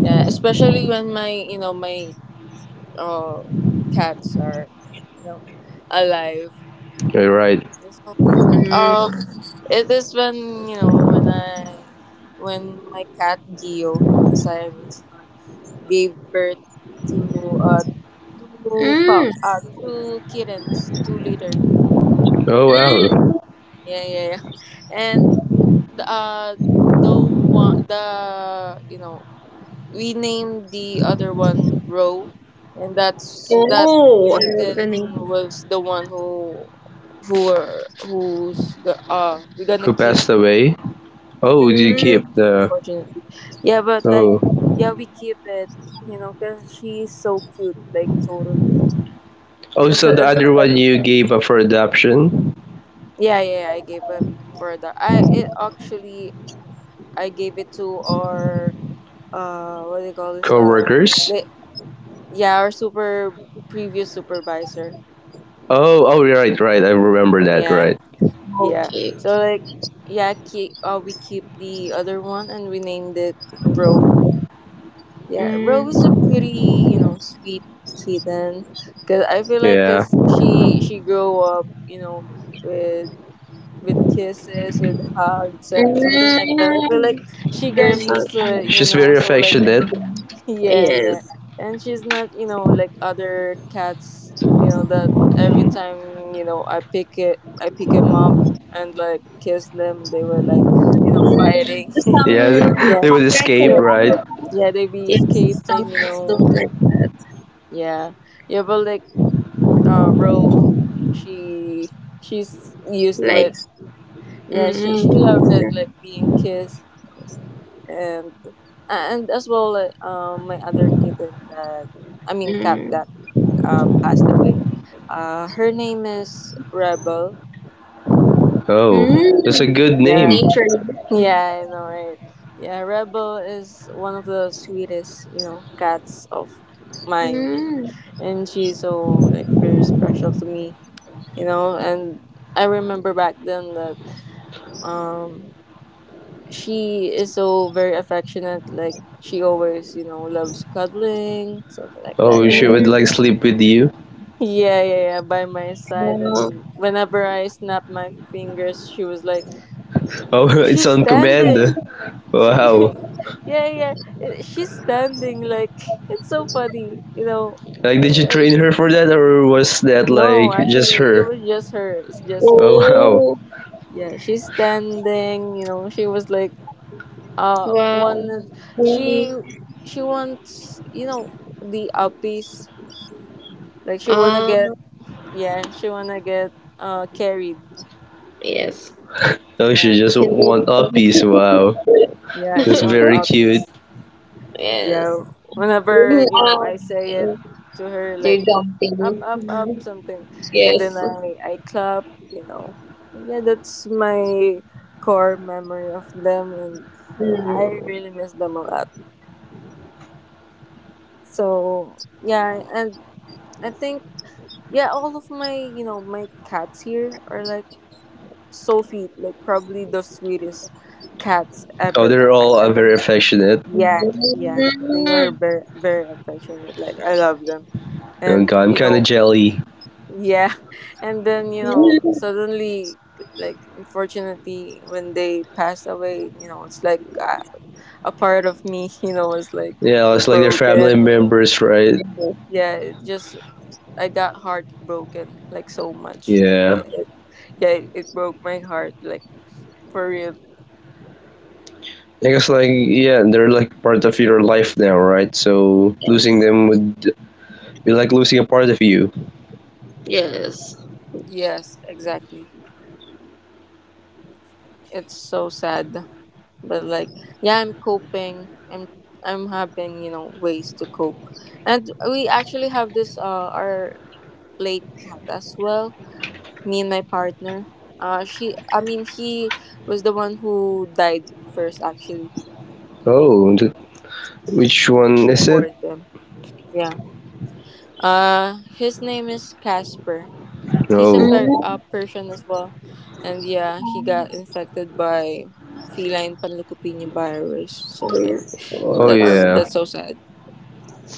Speaker 4: Yeah, especially when my uh, cats are, you know, alive.
Speaker 2: You're right.
Speaker 4: It's not-
Speaker 3: Mm,
Speaker 4: Um, it is when you know when I, when my cat Gio, the Siamese one, gave birth to two
Speaker 3: mm,
Speaker 4: pup, two kittens, two litter.
Speaker 2: Oh
Speaker 3: mm.
Speaker 2: wow.
Speaker 4: Yeah, yeah, yeah. And the uh the one, the you know we named the other one Roe, and that
Speaker 3: Oh,
Speaker 4: kitten
Speaker 3: happening.
Speaker 4: was the one who were who's go- we're gonna
Speaker 2: Who
Speaker 4: keep.
Speaker 2: passed away? Oh, you
Speaker 4: Yeah,
Speaker 2: keep
Speaker 3: Mm.
Speaker 2: the
Speaker 4: unfortunately, yeah, but like,
Speaker 2: oh.
Speaker 4: yeah, we keep it, because she's so cute, like, totally.
Speaker 2: Oh,
Speaker 4: and
Speaker 2: so
Speaker 4: so
Speaker 2: the
Speaker 4: and so
Speaker 2: other
Speaker 4: like,
Speaker 2: one you gave up for adoption,
Speaker 4: yeah, yeah, yeah, I gave up for that. I gave it to our, what do you call this?
Speaker 2: coworkers.
Speaker 4: Like, yeah, our super previous supervisor.
Speaker 2: Oh, oh, right, right. I remember that.
Speaker 4: Yeah,
Speaker 2: Right.
Speaker 4: yeah,
Speaker 3: Okay.
Speaker 4: so like, yeah, we keep the other one and we named it Roe. Yeah, Roe
Speaker 3: Mm,
Speaker 4: is a pretty sweet kitten because I feel like,
Speaker 2: Yeah.
Speaker 4: because she grew up you know with with kisses, with hugs, something like that. I feel like
Speaker 3: mm,
Speaker 4: she got
Speaker 3: very fun.
Speaker 4: used to it,
Speaker 2: She's very
Speaker 4: so, like,
Speaker 2: affectionate.
Speaker 4: yeah,
Speaker 3: Yes.
Speaker 4: yeah. And she's not, like other cats, that every time, I pick them up and like kiss them, they were like,
Speaker 3: Mm,
Speaker 4: fighting.
Speaker 3: some
Speaker 2: Yeah, they
Speaker 4: Yeah.
Speaker 2: would
Speaker 3: some cats
Speaker 2: escape,
Speaker 4: Yeah.
Speaker 2: right?
Speaker 3: are-
Speaker 4: Yeah, they be
Speaker 3: Yes, some
Speaker 4: escaping, you
Speaker 3: cats
Speaker 4: know.
Speaker 3: don't like that.
Speaker 4: Yeah. Yeah, but like, Ro, she she's used to
Speaker 3: Like
Speaker 4: it. Yeah, she
Speaker 3: mm,
Speaker 4: she loves it, like being kissed, and and as well, like, my other kitten that, I mean, cat
Speaker 3: mm,
Speaker 4: that, passed away. Her name is Rebel.
Speaker 2: Oh,
Speaker 3: mm,
Speaker 4: Yeah.
Speaker 2: that's a good
Speaker 3: nature.
Speaker 4: Yeah.
Speaker 2: name.
Speaker 4: Yeah, I know, right? Yeah, Rebel is one of the sweetest, cats of mine.
Speaker 3: Mm,
Speaker 4: And she's so, like, very special to me, you know? And I remember back then that, um, she is so very affectionate. Like, she always, loves cuddling, something like that.
Speaker 2: Oh, she
Speaker 4: And
Speaker 2: would
Speaker 4: then,
Speaker 2: like
Speaker 3: mm,
Speaker 2: sleep with you.
Speaker 4: yeah, yeah, yeah, by my side. And
Speaker 3: wow.
Speaker 4: whenever I snap my fingers, she was like,
Speaker 2: Oh,
Speaker 4: she's
Speaker 2: it's on command.
Speaker 4: standing. She,
Speaker 2: Wow.
Speaker 4: yeah, yeah, she's standing. Like, it's so funny, you know.
Speaker 2: Like, did you
Speaker 4: Uh,
Speaker 2: train her for that, or was that
Speaker 4: no,
Speaker 2: like just
Speaker 4: actually, it
Speaker 2: her?
Speaker 4: was just her. It's just
Speaker 2: Oh
Speaker 4: her.
Speaker 2: wow.
Speaker 3: Oh,
Speaker 4: Yeah, she's standing, you know. She was like,
Speaker 3: wow.
Speaker 4: wanted,
Speaker 3: Really?
Speaker 4: she, she wants, the uppies. Like, she wanna
Speaker 3: Ah,
Speaker 4: get, yeah, she wanna get, carried.
Speaker 3: yes.
Speaker 2: Oh, she's
Speaker 4: Yeah.
Speaker 2: just
Speaker 3: Can
Speaker 2: one
Speaker 3: do.
Speaker 2: up piece. Wow,
Speaker 4: Yeah, she
Speaker 2: that's
Speaker 4: wants
Speaker 2: very cute.
Speaker 4: uppies.
Speaker 3: Yes.
Speaker 4: Yeah, whenever
Speaker 3: Ah,
Speaker 4: I say it to her
Speaker 3: you're
Speaker 4: like up, up, up
Speaker 3: jumping.
Speaker 4: something, and then
Speaker 3: Yes.
Speaker 4: I clap. You know, yeah, that's my core memory of them, and I
Speaker 3: Mm.
Speaker 4: really miss them a lot. So yeah, and I think, yeah, all of my you know my cats here are like so sweet, like probably the sweetest cats
Speaker 2: Oh,
Speaker 4: ever
Speaker 2: they're
Speaker 4: I
Speaker 2: all
Speaker 4: ever
Speaker 2: very
Speaker 4: had.
Speaker 2: affectionate.
Speaker 4: Yeah, yeah. They were very, very affectionate. Like, I love them.
Speaker 2: Oh
Speaker 4: And
Speaker 2: God, I'm
Speaker 4: you
Speaker 2: kind of
Speaker 4: know,
Speaker 2: jelly.
Speaker 4: yeah. And then, suddenly, like, unfortunately, when they passed away, it's like, a part of me, was like
Speaker 2: Yeah, it's like they're
Speaker 4: broken.
Speaker 2: family members, right?
Speaker 4: Yeah, it just, I got heartbroken like so much. It,
Speaker 2: Yeah.
Speaker 4: it, yeah, it broke my heart, like, for real.
Speaker 2: I guess like yeah, they're like part of your life now, right? So losing them would be like losing a part of you.
Speaker 3: Yes.
Speaker 4: Yes, exactly. It's so sad. But like, yeah, I'm coping, I'm having, ways to cope. And we actually have this, our late cat as well. Me and my partner, she, I mean, he was the one who died first, actually,
Speaker 2: Oh, which one is
Speaker 4: before
Speaker 2: it?
Speaker 4: them. Yeah, his name is Casper. He's a,
Speaker 2: Oh,
Speaker 4: per-
Speaker 3: Mm.
Speaker 4: a Persian as well. And yeah, he got infected by feline panleukopenia virus, so, like,
Speaker 3: Yes.
Speaker 2: oh
Speaker 4: that's
Speaker 2: yeah,
Speaker 4: that's so sad.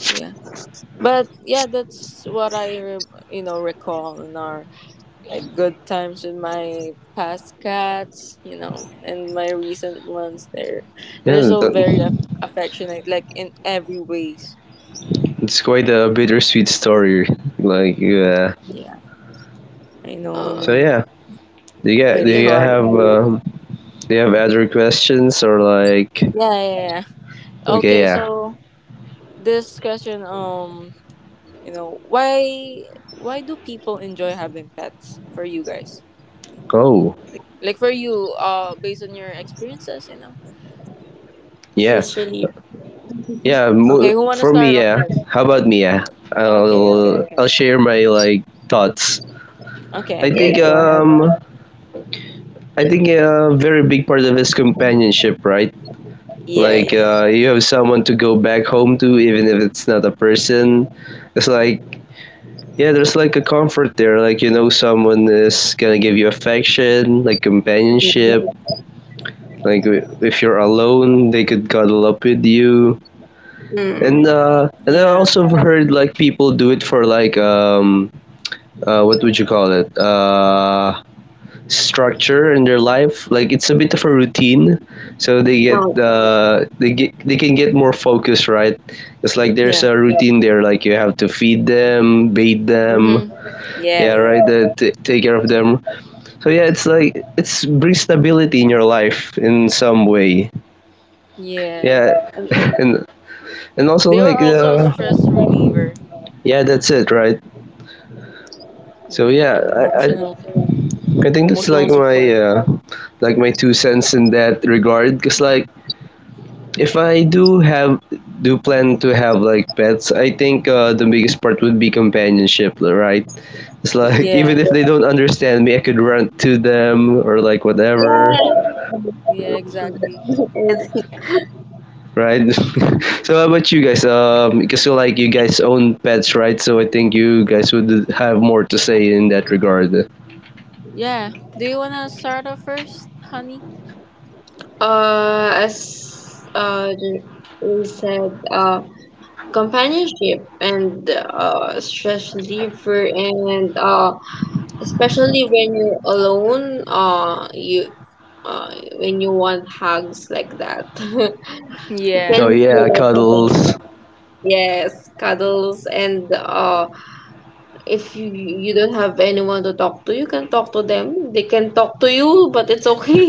Speaker 4: Yeah. But yeah, that's what I recall in our, like, good times with my past cats, and my recent ones. They're
Speaker 2: yeah.
Speaker 4: so very affectionate, like, in every ways.
Speaker 2: It's quite a bittersweet story. Like yeah.
Speaker 4: Yeah, I know, I
Speaker 3: Uh,
Speaker 2: So
Speaker 4: know.
Speaker 2: yeah,
Speaker 3: you
Speaker 2: do
Speaker 4: Pretty
Speaker 3: tend
Speaker 2: you have
Speaker 4: hard.
Speaker 3: to
Speaker 2: do you have other questions or like?
Speaker 4: Yeah, yeah, yeah.
Speaker 2: Okay,
Speaker 4: Okay,
Speaker 2: yeah.
Speaker 4: so this question, why do people enjoy having pets for you guys?
Speaker 2: Oh,
Speaker 4: Like, for you, based on your experiences.
Speaker 2: yeah,
Speaker 3: stress relief.
Speaker 2: yeah.
Speaker 4: Okay, who want to
Speaker 2: For me,
Speaker 4: start off
Speaker 2: yeah.
Speaker 4: first?
Speaker 2: How about me, yeah?
Speaker 4: Okay, okay,
Speaker 2: I'll
Speaker 4: okay.
Speaker 2: share my like thoughts. I
Speaker 4: Okay,
Speaker 3: Yes,
Speaker 2: think
Speaker 4: okay. Go ahead.
Speaker 2: yeah, a very big part of his companionship, right?
Speaker 4: Yeah,
Speaker 3: yeah.
Speaker 2: Like
Speaker 4: yeah, yeah.
Speaker 2: you have someone to go back home to, even if it's not a person. It's like yeah, there's like a comfort there. Like you know, someone is gonna give you affection, like companionship. Like if you're alone, they could cuddle up with you. And
Speaker 3: Mm.
Speaker 2: uh, and I
Speaker 4: Yeah.
Speaker 2: also heard like people do it for like what would you call it structure in their life. Like it's a bit of a routine, so
Speaker 3: No.
Speaker 2: they can get more focused, right? It's like there's
Speaker 4: Yeah.
Speaker 2: a routine there, like you have to feed them, bathe them,
Speaker 4: Mhm. Yeah,
Speaker 2: yeah,
Speaker 4: yeah.
Speaker 2: right. Take care of them. So yeah, it's like it's brings stability in your life in some way.
Speaker 4: Yeah.
Speaker 2: Yeah,
Speaker 4: And
Speaker 2: and and also
Speaker 4: they were
Speaker 2: like
Speaker 4: also a stress reliever.
Speaker 2: yeah that's it right so
Speaker 4: Yeah,
Speaker 2: yeah
Speaker 4: and emotional
Speaker 2: I think that's
Speaker 4: emotional support.
Speaker 2: like my two cents in that regard because like if I do have do plan to have like pets I think the biggest part would be companionship right it's like even
Speaker 4: Yeah.
Speaker 2: if they don't understand me I could run to them or like whatever
Speaker 3: Yeah.
Speaker 4: Yeah, exactly.
Speaker 3: Ethic.
Speaker 2: right so how about you guys because you like you guys own pets right so I think you guys would have more to say in that regard.
Speaker 4: Yeah. Do you want to start off first, honey?
Speaker 3: Uh, as uh, the- we said, companionship and stress reliever, and especially when you're alone, you uh, when you want hugs like that, you can
Speaker 2: Oh
Speaker 4: Yeah.
Speaker 3: do
Speaker 2: yeah,
Speaker 3: that with
Speaker 2: cuddles.
Speaker 3: them. Yes, cuddles, and if you don't have anyone to talk to, you can talk to them. They can talk to you, but it's okay.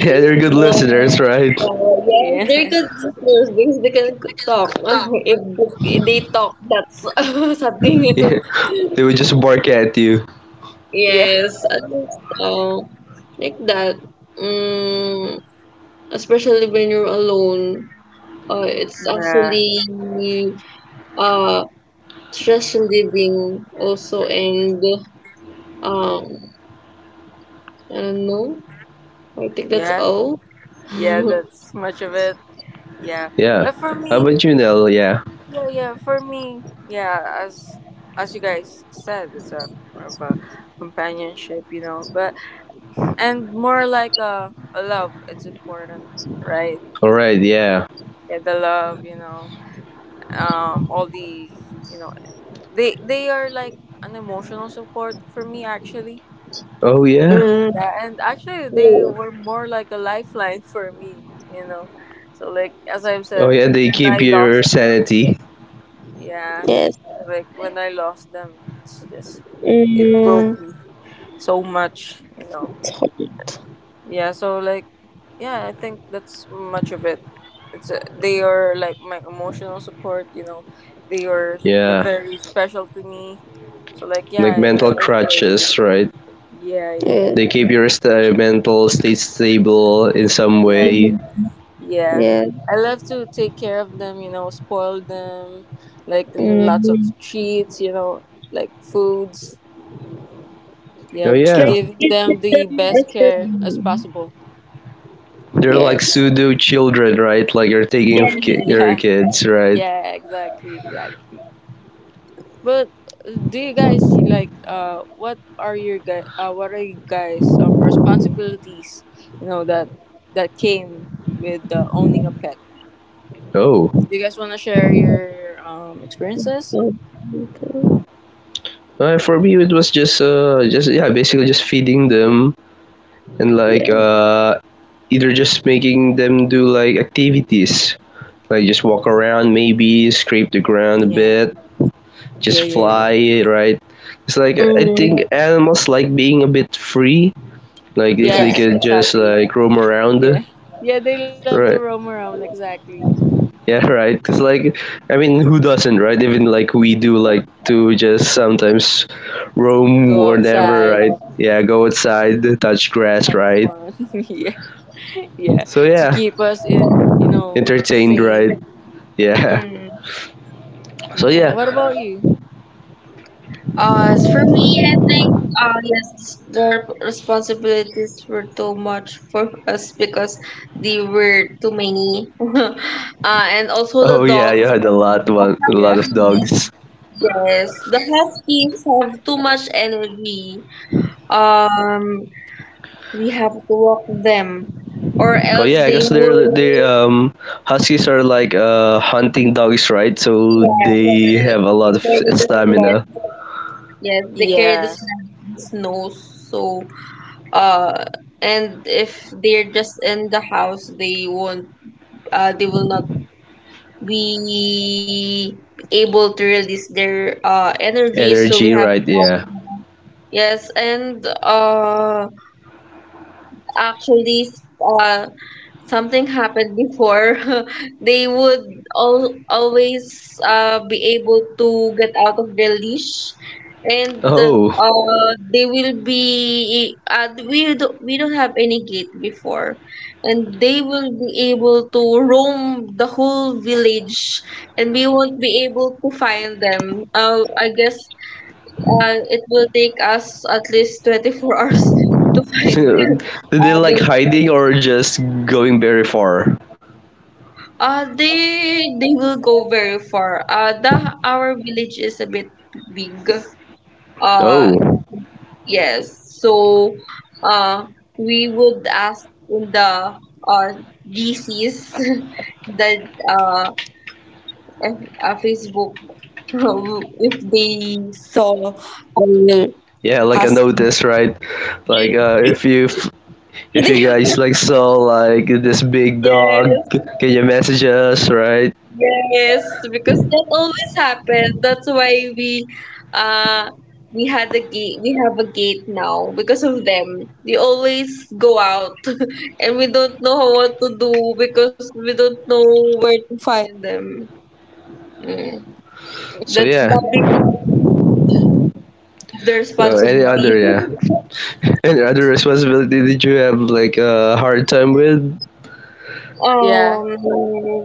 Speaker 2: Yeah, they're good
Speaker 3: um,
Speaker 2: listeners, right?
Speaker 3: yes, they're
Speaker 4: Yeah.
Speaker 3: good listeners because they can talk. If they talk, that's something.
Speaker 2: yeah, they would just bark at you.
Speaker 4: Yeah.
Speaker 3: Yes, at least, like that. Mm, especially when you're alone. It's
Speaker 4: Yeah.
Speaker 3: actually uh stress relieving also. And um I don't know, I think that's
Speaker 4: Yeah.
Speaker 3: all.
Speaker 4: Yeah,
Speaker 3: Mm,
Speaker 4: that's much of it. Yeah.
Speaker 2: Yeah.
Speaker 4: But for
Speaker 2: How
Speaker 4: me,
Speaker 2: about you, Nell? Yeah.
Speaker 4: yeah, yeah. For me, yeah, as you guys said, it's a more of a companionship, you know, but and more like a love. It's important, right?
Speaker 2: All right. Yeah.
Speaker 4: Yeah, the love, all the, you know, they are like an emotional support for me, actually.
Speaker 2: Oh yeah.
Speaker 4: Yeah, and actually they
Speaker 3: yeah.
Speaker 4: were more like a lifeline for me, you know. So, like, as I've
Speaker 2: Oh
Speaker 4: said,
Speaker 2: yeah. They
Speaker 4: when
Speaker 2: keep
Speaker 4: I
Speaker 2: your
Speaker 4: lost them.
Speaker 2: sanity.
Speaker 4: Yeah,
Speaker 3: Yes.
Speaker 4: like when I lost them, it's just it
Speaker 3: Mm,
Speaker 4: broke me so much, you know.
Speaker 3: it's hot.
Speaker 4: Yeah, so, like, yeah, I think that's much of it. They are like my emotional support, you know. They are
Speaker 2: Yeah.
Speaker 4: very special to me. So, like, yeah,
Speaker 2: Like
Speaker 4: I,
Speaker 2: mental
Speaker 4: I enjoy it.
Speaker 2: crutches, right?
Speaker 4: Yeah,
Speaker 3: Yeah.
Speaker 4: yeah,
Speaker 2: They keep your mental state stable in some
Speaker 4: yeah,
Speaker 2: way.
Speaker 3: Mm.
Speaker 4: yeah.
Speaker 3: Yeah.
Speaker 4: I love to take care of them, spoil them, like in lots of
Speaker 3: Mm.
Speaker 4: treats, like foods.
Speaker 2: Oh
Speaker 4: Yep,
Speaker 3: It's like
Speaker 2: yeah.
Speaker 4: giving
Speaker 3: this is
Speaker 4: them
Speaker 3: the
Speaker 4: the best care
Speaker 3: SRB.
Speaker 4: as possible.
Speaker 2: They're like
Speaker 3: Yes.
Speaker 2: pseudo children, right? Like you're taking of your
Speaker 4: Yeah,
Speaker 2: kids, right?
Speaker 4: yeah, exactly, exactly. But, do you guys see, like, what are you guys, responsibilities, you know that that came with, owning a pet?
Speaker 2: Oh.
Speaker 4: Do you guys want to share your, experiences?
Speaker 3: Oh, okay.
Speaker 2: For me, it was just yeah, basically just feeding them and like
Speaker 3: Yes.
Speaker 2: either just making them do like activities like just walk around maybe scrape the ground a
Speaker 4: Yeah,
Speaker 2: bit
Speaker 4: yeah,
Speaker 2: just
Speaker 4: yeah, yeah.
Speaker 2: fly right it's like
Speaker 3: Yeah.
Speaker 2: I think
Speaker 3: Mm.
Speaker 2: animals like being a bit free like if they
Speaker 3: Yes.
Speaker 4: Yes,
Speaker 2: could just
Speaker 4: exactly.
Speaker 2: like roam around
Speaker 4: Yeah, yeah, they love to
Speaker 2: right
Speaker 4: roam around. Exactly,
Speaker 2: yeah right it's like I mean who doesn't right even like we do like to just sometimes roam
Speaker 4: go
Speaker 2: wherever
Speaker 4: outside,
Speaker 2: right yeah go outside touch grass
Speaker 4: have
Speaker 2: right
Speaker 4: fun. Yeah. Yeah,
Speaker 2: so
Speaker 4: to
Speaker 2: yeah
Speaker 4: keep us,
Speaker 2: entertained
Speaker 4: sane.
Speaker 2: right yeah
Speaker 3: Mm.
Speaker 2: so
Speaker 4: Yeah.
Speaker 2: yeah,
Speaker 4: What about you?
Speaker 3: As for me, I think yes, the responsibilities were too much for us because they were too many. And also
Speaker 2: oh
Speaker 3: the
Speaker 2: yeah, you
Speaker 3: dogs.
Speaker 2: had a lot one, a lot of
Speaker 4: Yeah.
Speaker 2: dogs.
Speaker 3: Yes, the huskies have too much energy. Um, we have to walk them, or
Speaker 2: Oh
Speaker 3: else
Speaker 2: yeah,
Speaker 3: they
Speaker 2: because they're
Speaker 3: would.
Speaker 2: they huskies are like hunting dogs, right? So
Speaker 3: Yeah,
Speaker 2: they
Speaker 3: yes,
Speaker 2: have a
Speaker 3: they
Speaker 2: lot of
Speaker 3: carry the
Speaker 2: stamina,
Speaker 3: sled. Yes, they carry the
Speaker 4: Yeah.
Speaker 3: sled in snow. So, uh, and if they're just in the house, they won't. They will not be able to release their energy. So we
Speaker 2: energy,
Speaker 3: have.
Speaker 2: right? Yeah.
Speaker 3: Yes, and actually, uh something happened before. They would all always be able to get out of their leash, and
Speaker 2: Oh,
Speaker 3: they will be we don't have any gate before, and they will be able to roam the whole village, and we won't be able to find them. I guess it will take us at least 24 hours to find
Speaker 2: so did they like
Speaker 3: them.
Speaker 2: hiding or just going very far?
Speaker 3: They will go very far. The Our village is a bit big. Uh,
Speaker 2: Oh,
Speaker 3: yes. So, uh, we would ask in the uh GCs that uh if, Facebook if they saw our
Speaker 2: yeah, like a notice, right? Like if you
Speaker 3: husky.
Speaker 2: guys like saw like this big dog,
Speaker 3: Yes.
Speaker 2: can you message us, right?
Speaker 3: Yes, because that always happens. That's why uh we have a gate now because of them. They always go out, and we don't know what to do because we don't know where to find them. Mm.
Speaker 2: So
Speaker 3: That's
Speaker 2: yeah.
Speaker 3: the big of their
Speaker 2: So any other,
Speaker 3: responsibility.
Speaker 2: yeah. and other responsibility did you have like a hard time with?
Speaker 4: Yeah.
Speaker 3: um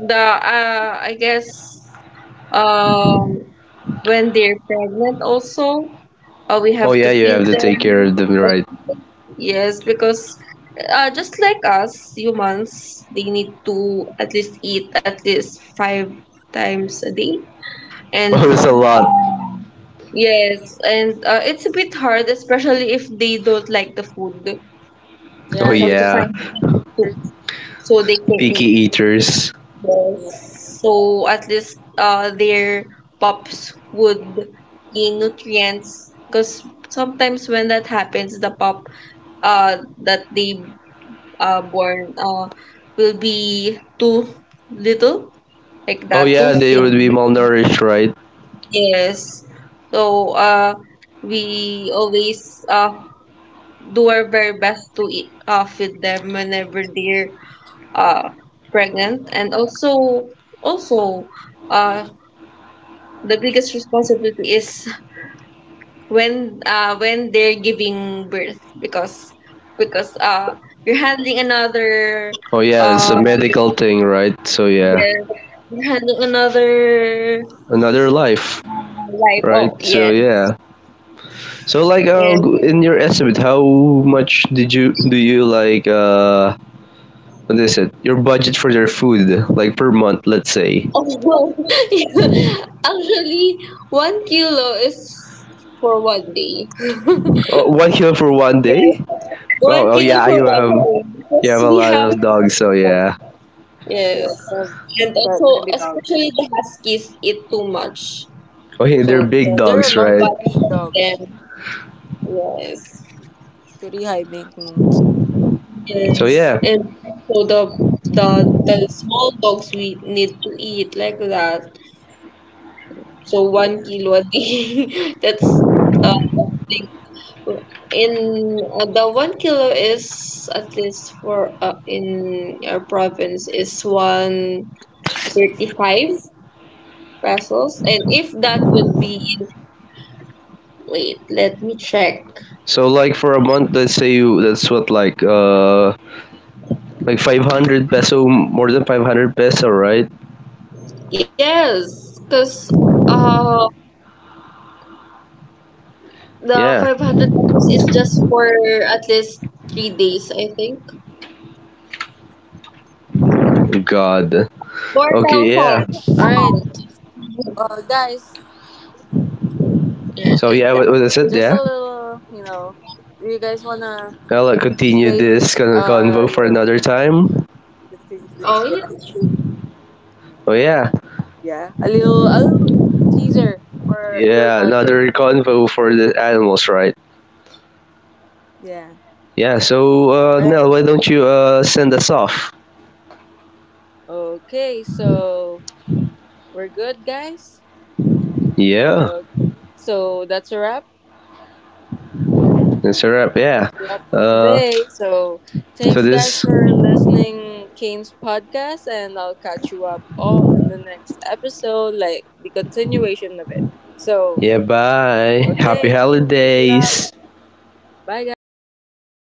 Speaker 3: the I guess um when they're pregnant also, we
Speaker 2: Oh
Speaker 3: have
Speaker 2: yeah,
Speaker 3: to
Speaker 2: you
Speaker 3: feed
Speaker 2: have to take care of
Speaker 3: them.
Speaker 2: them, right?
Speaker 3: Yes, because just like us humans, they need to at least eat at least 5 times a day.
Speaker 2: Oh,
Speaker 3: And
Speaker 4: Ooh.
Speaker 2: it's a lot.
Speaker 3: yes, and it's a bit hard, especially if they don't like the food.
Speaker 2: Oh
Speaker 4: Yeah,
Speaker 3: We
Speaker 4: they
Speaker 3: have
Speaker 4: be.
Speaker 3: to
Speaker 2: yeah,
Speaker 3: find food so they can
Speaker 2: picky
Speaker 3: eat.
Speaker 2: eaters.
Speaker 3: Yes.
Speaker 4: Yeah,
Speaker 3: So at least their pups would gain nutrients. Because sometimes when that happens, the pup uh, that they born will be too little, like
Speaker 2: Oh
Speaker 3: that, too
Speaker 2: yeah, they would be
Speaker 3: thin.
Speaker 2: malnourished, right?
Speaker 3: Yes. So we always do our very best to feed them whenever they're uh, pregnant. And also also uh, the biggest responsibility is when they're giving birth, because because uh, you're handling another
Speaker 2: Oh yeah, it's a
Speaker 3: uh,
Speaker 2: medical thing, right? So yeah,
Speaker 3: yes. Had another
Speaker 2: another life,
Speaker 3: life.
Speaker 2: right?
Speaker 3: Oh,
Speaker 2: So
Speaker 3: yes.
Speaker 2: yeah. So like,
Speaker 3: And
Speaker 2: in your estimate, how much did you do you like? What is it? Your budget for their food, like per month, let's say.
Speaker 3: also, actually, 1 kilo is for one day.
Speaker 2: Oh, 1 kilo for one
Speaker 3: Yes,
Speaker 2: day?
Speaker 3: one
Speaker 2: Well, oh
Speaker 3: kilo
Speaker 2: yeah,
Speaker 3: for one day
Speaker 2: you have
Speaker 3: because
Speaker 2: a
Speaker 3: we
Speaker 2: lot
Speaker 3: have.
Speaker 2: of
Speaker 3: To
Speaker 2: dogs, so
Speaker 3: cook.
Speaker 2: yeah.
Speaker 4: yeah,
Speaker 3: Yes,
Speaker 4: they're
Speaker 3: and
Speaker 4: quite
Speaker 3: also
Speaker 4: many dogs.
Speaker 3: especially the huskies eat too much,
Speaker 2: Okay, they're
Speaker 3: so
Speaker 2: big
Speaker 4: Yeah, they're
Speaker 2: dogs, right?
Speaker 3: but
Speaker 4: largely dogs.
Speaker 3: them. Yes,
Speaker 4: It's pretty high maintenance.
Speaker 2: So
Speaker 3: yes,
Speaker 2: yeah.
Speaker 3: and so the small dogs we need to eat like that. So one
Speaker 4: Yeah.
Speaker 3: kilo a day. That's uh, big. In the 1 kilo is at least for, in our province, is 135 pesos, and if that would be, wait, let me check.
Speaker 2: So like for a month, let's say you that's what like 500 peso, more than 500 peso, right?
Speaker 3: Yes, because uh the
Speaker 2: Yeah.
Speaker 3: 500 pesos is just for at least 3 days, I think.
Speaker 2: God.
Speaker 4: All right,
Speaker 3: Four
Speaker 2: Okay, yeah.
Speaker 3: thousand.
Speaker 4: guys, just
Speaker 3: Yeah,
Speaker 4: a
Speaker 2: So
Speaker 3: like
Speaker 2: yeah, what
Speaker 4: little,
Speaker 3: that.
Speaker 2: is it? Yeah.
Speaker 4: do you guys wanna
Speaker 2: Well, I'll
Speaker 4: stay?
Speaker 2: like, continue
Speaker 4: Uh,
Speaker 2: this
Speaker 4: you know,
Speaker 2: convo for another time.
Speaker 4: Continue this. Yeah,
Speaker 3: Oh yeah,
Speaker 2: Oh yeah.
Speaker 4: yeah. A little teaser for your
Speaker 2: Yeah,
Speaker 4: budget.
Speaker 2: another convo for the animals, right?
Speaker 4: Yeah.
Speaker 2: Yeah, so
Speaker 4: All right.
Speaker 2: Nell, why don't you send us off?
Speaker 4: Okay, so we're good, guys.
Speaker 2: Yeah.
Speaker 4: Okay, so that's a wrap.
Speaker 2: It's a wrap, yeah.
Speaker 4: That's a wrap for
Speaker 2: Uh,
Speaker 4: today. So
Speaker 2: so
Speaker 4: thanks, guys,
Speaker 2: this,
Speaker 4: for listening Kane's podcast, and I'll catch you up all in the next episode, like the continuation of it. So
Speaker 2: yeah, bye. Happy
Speaker 4: okay, that's a wrap.
Speaker 2: holidays.
Speaker 4: Bye, guys.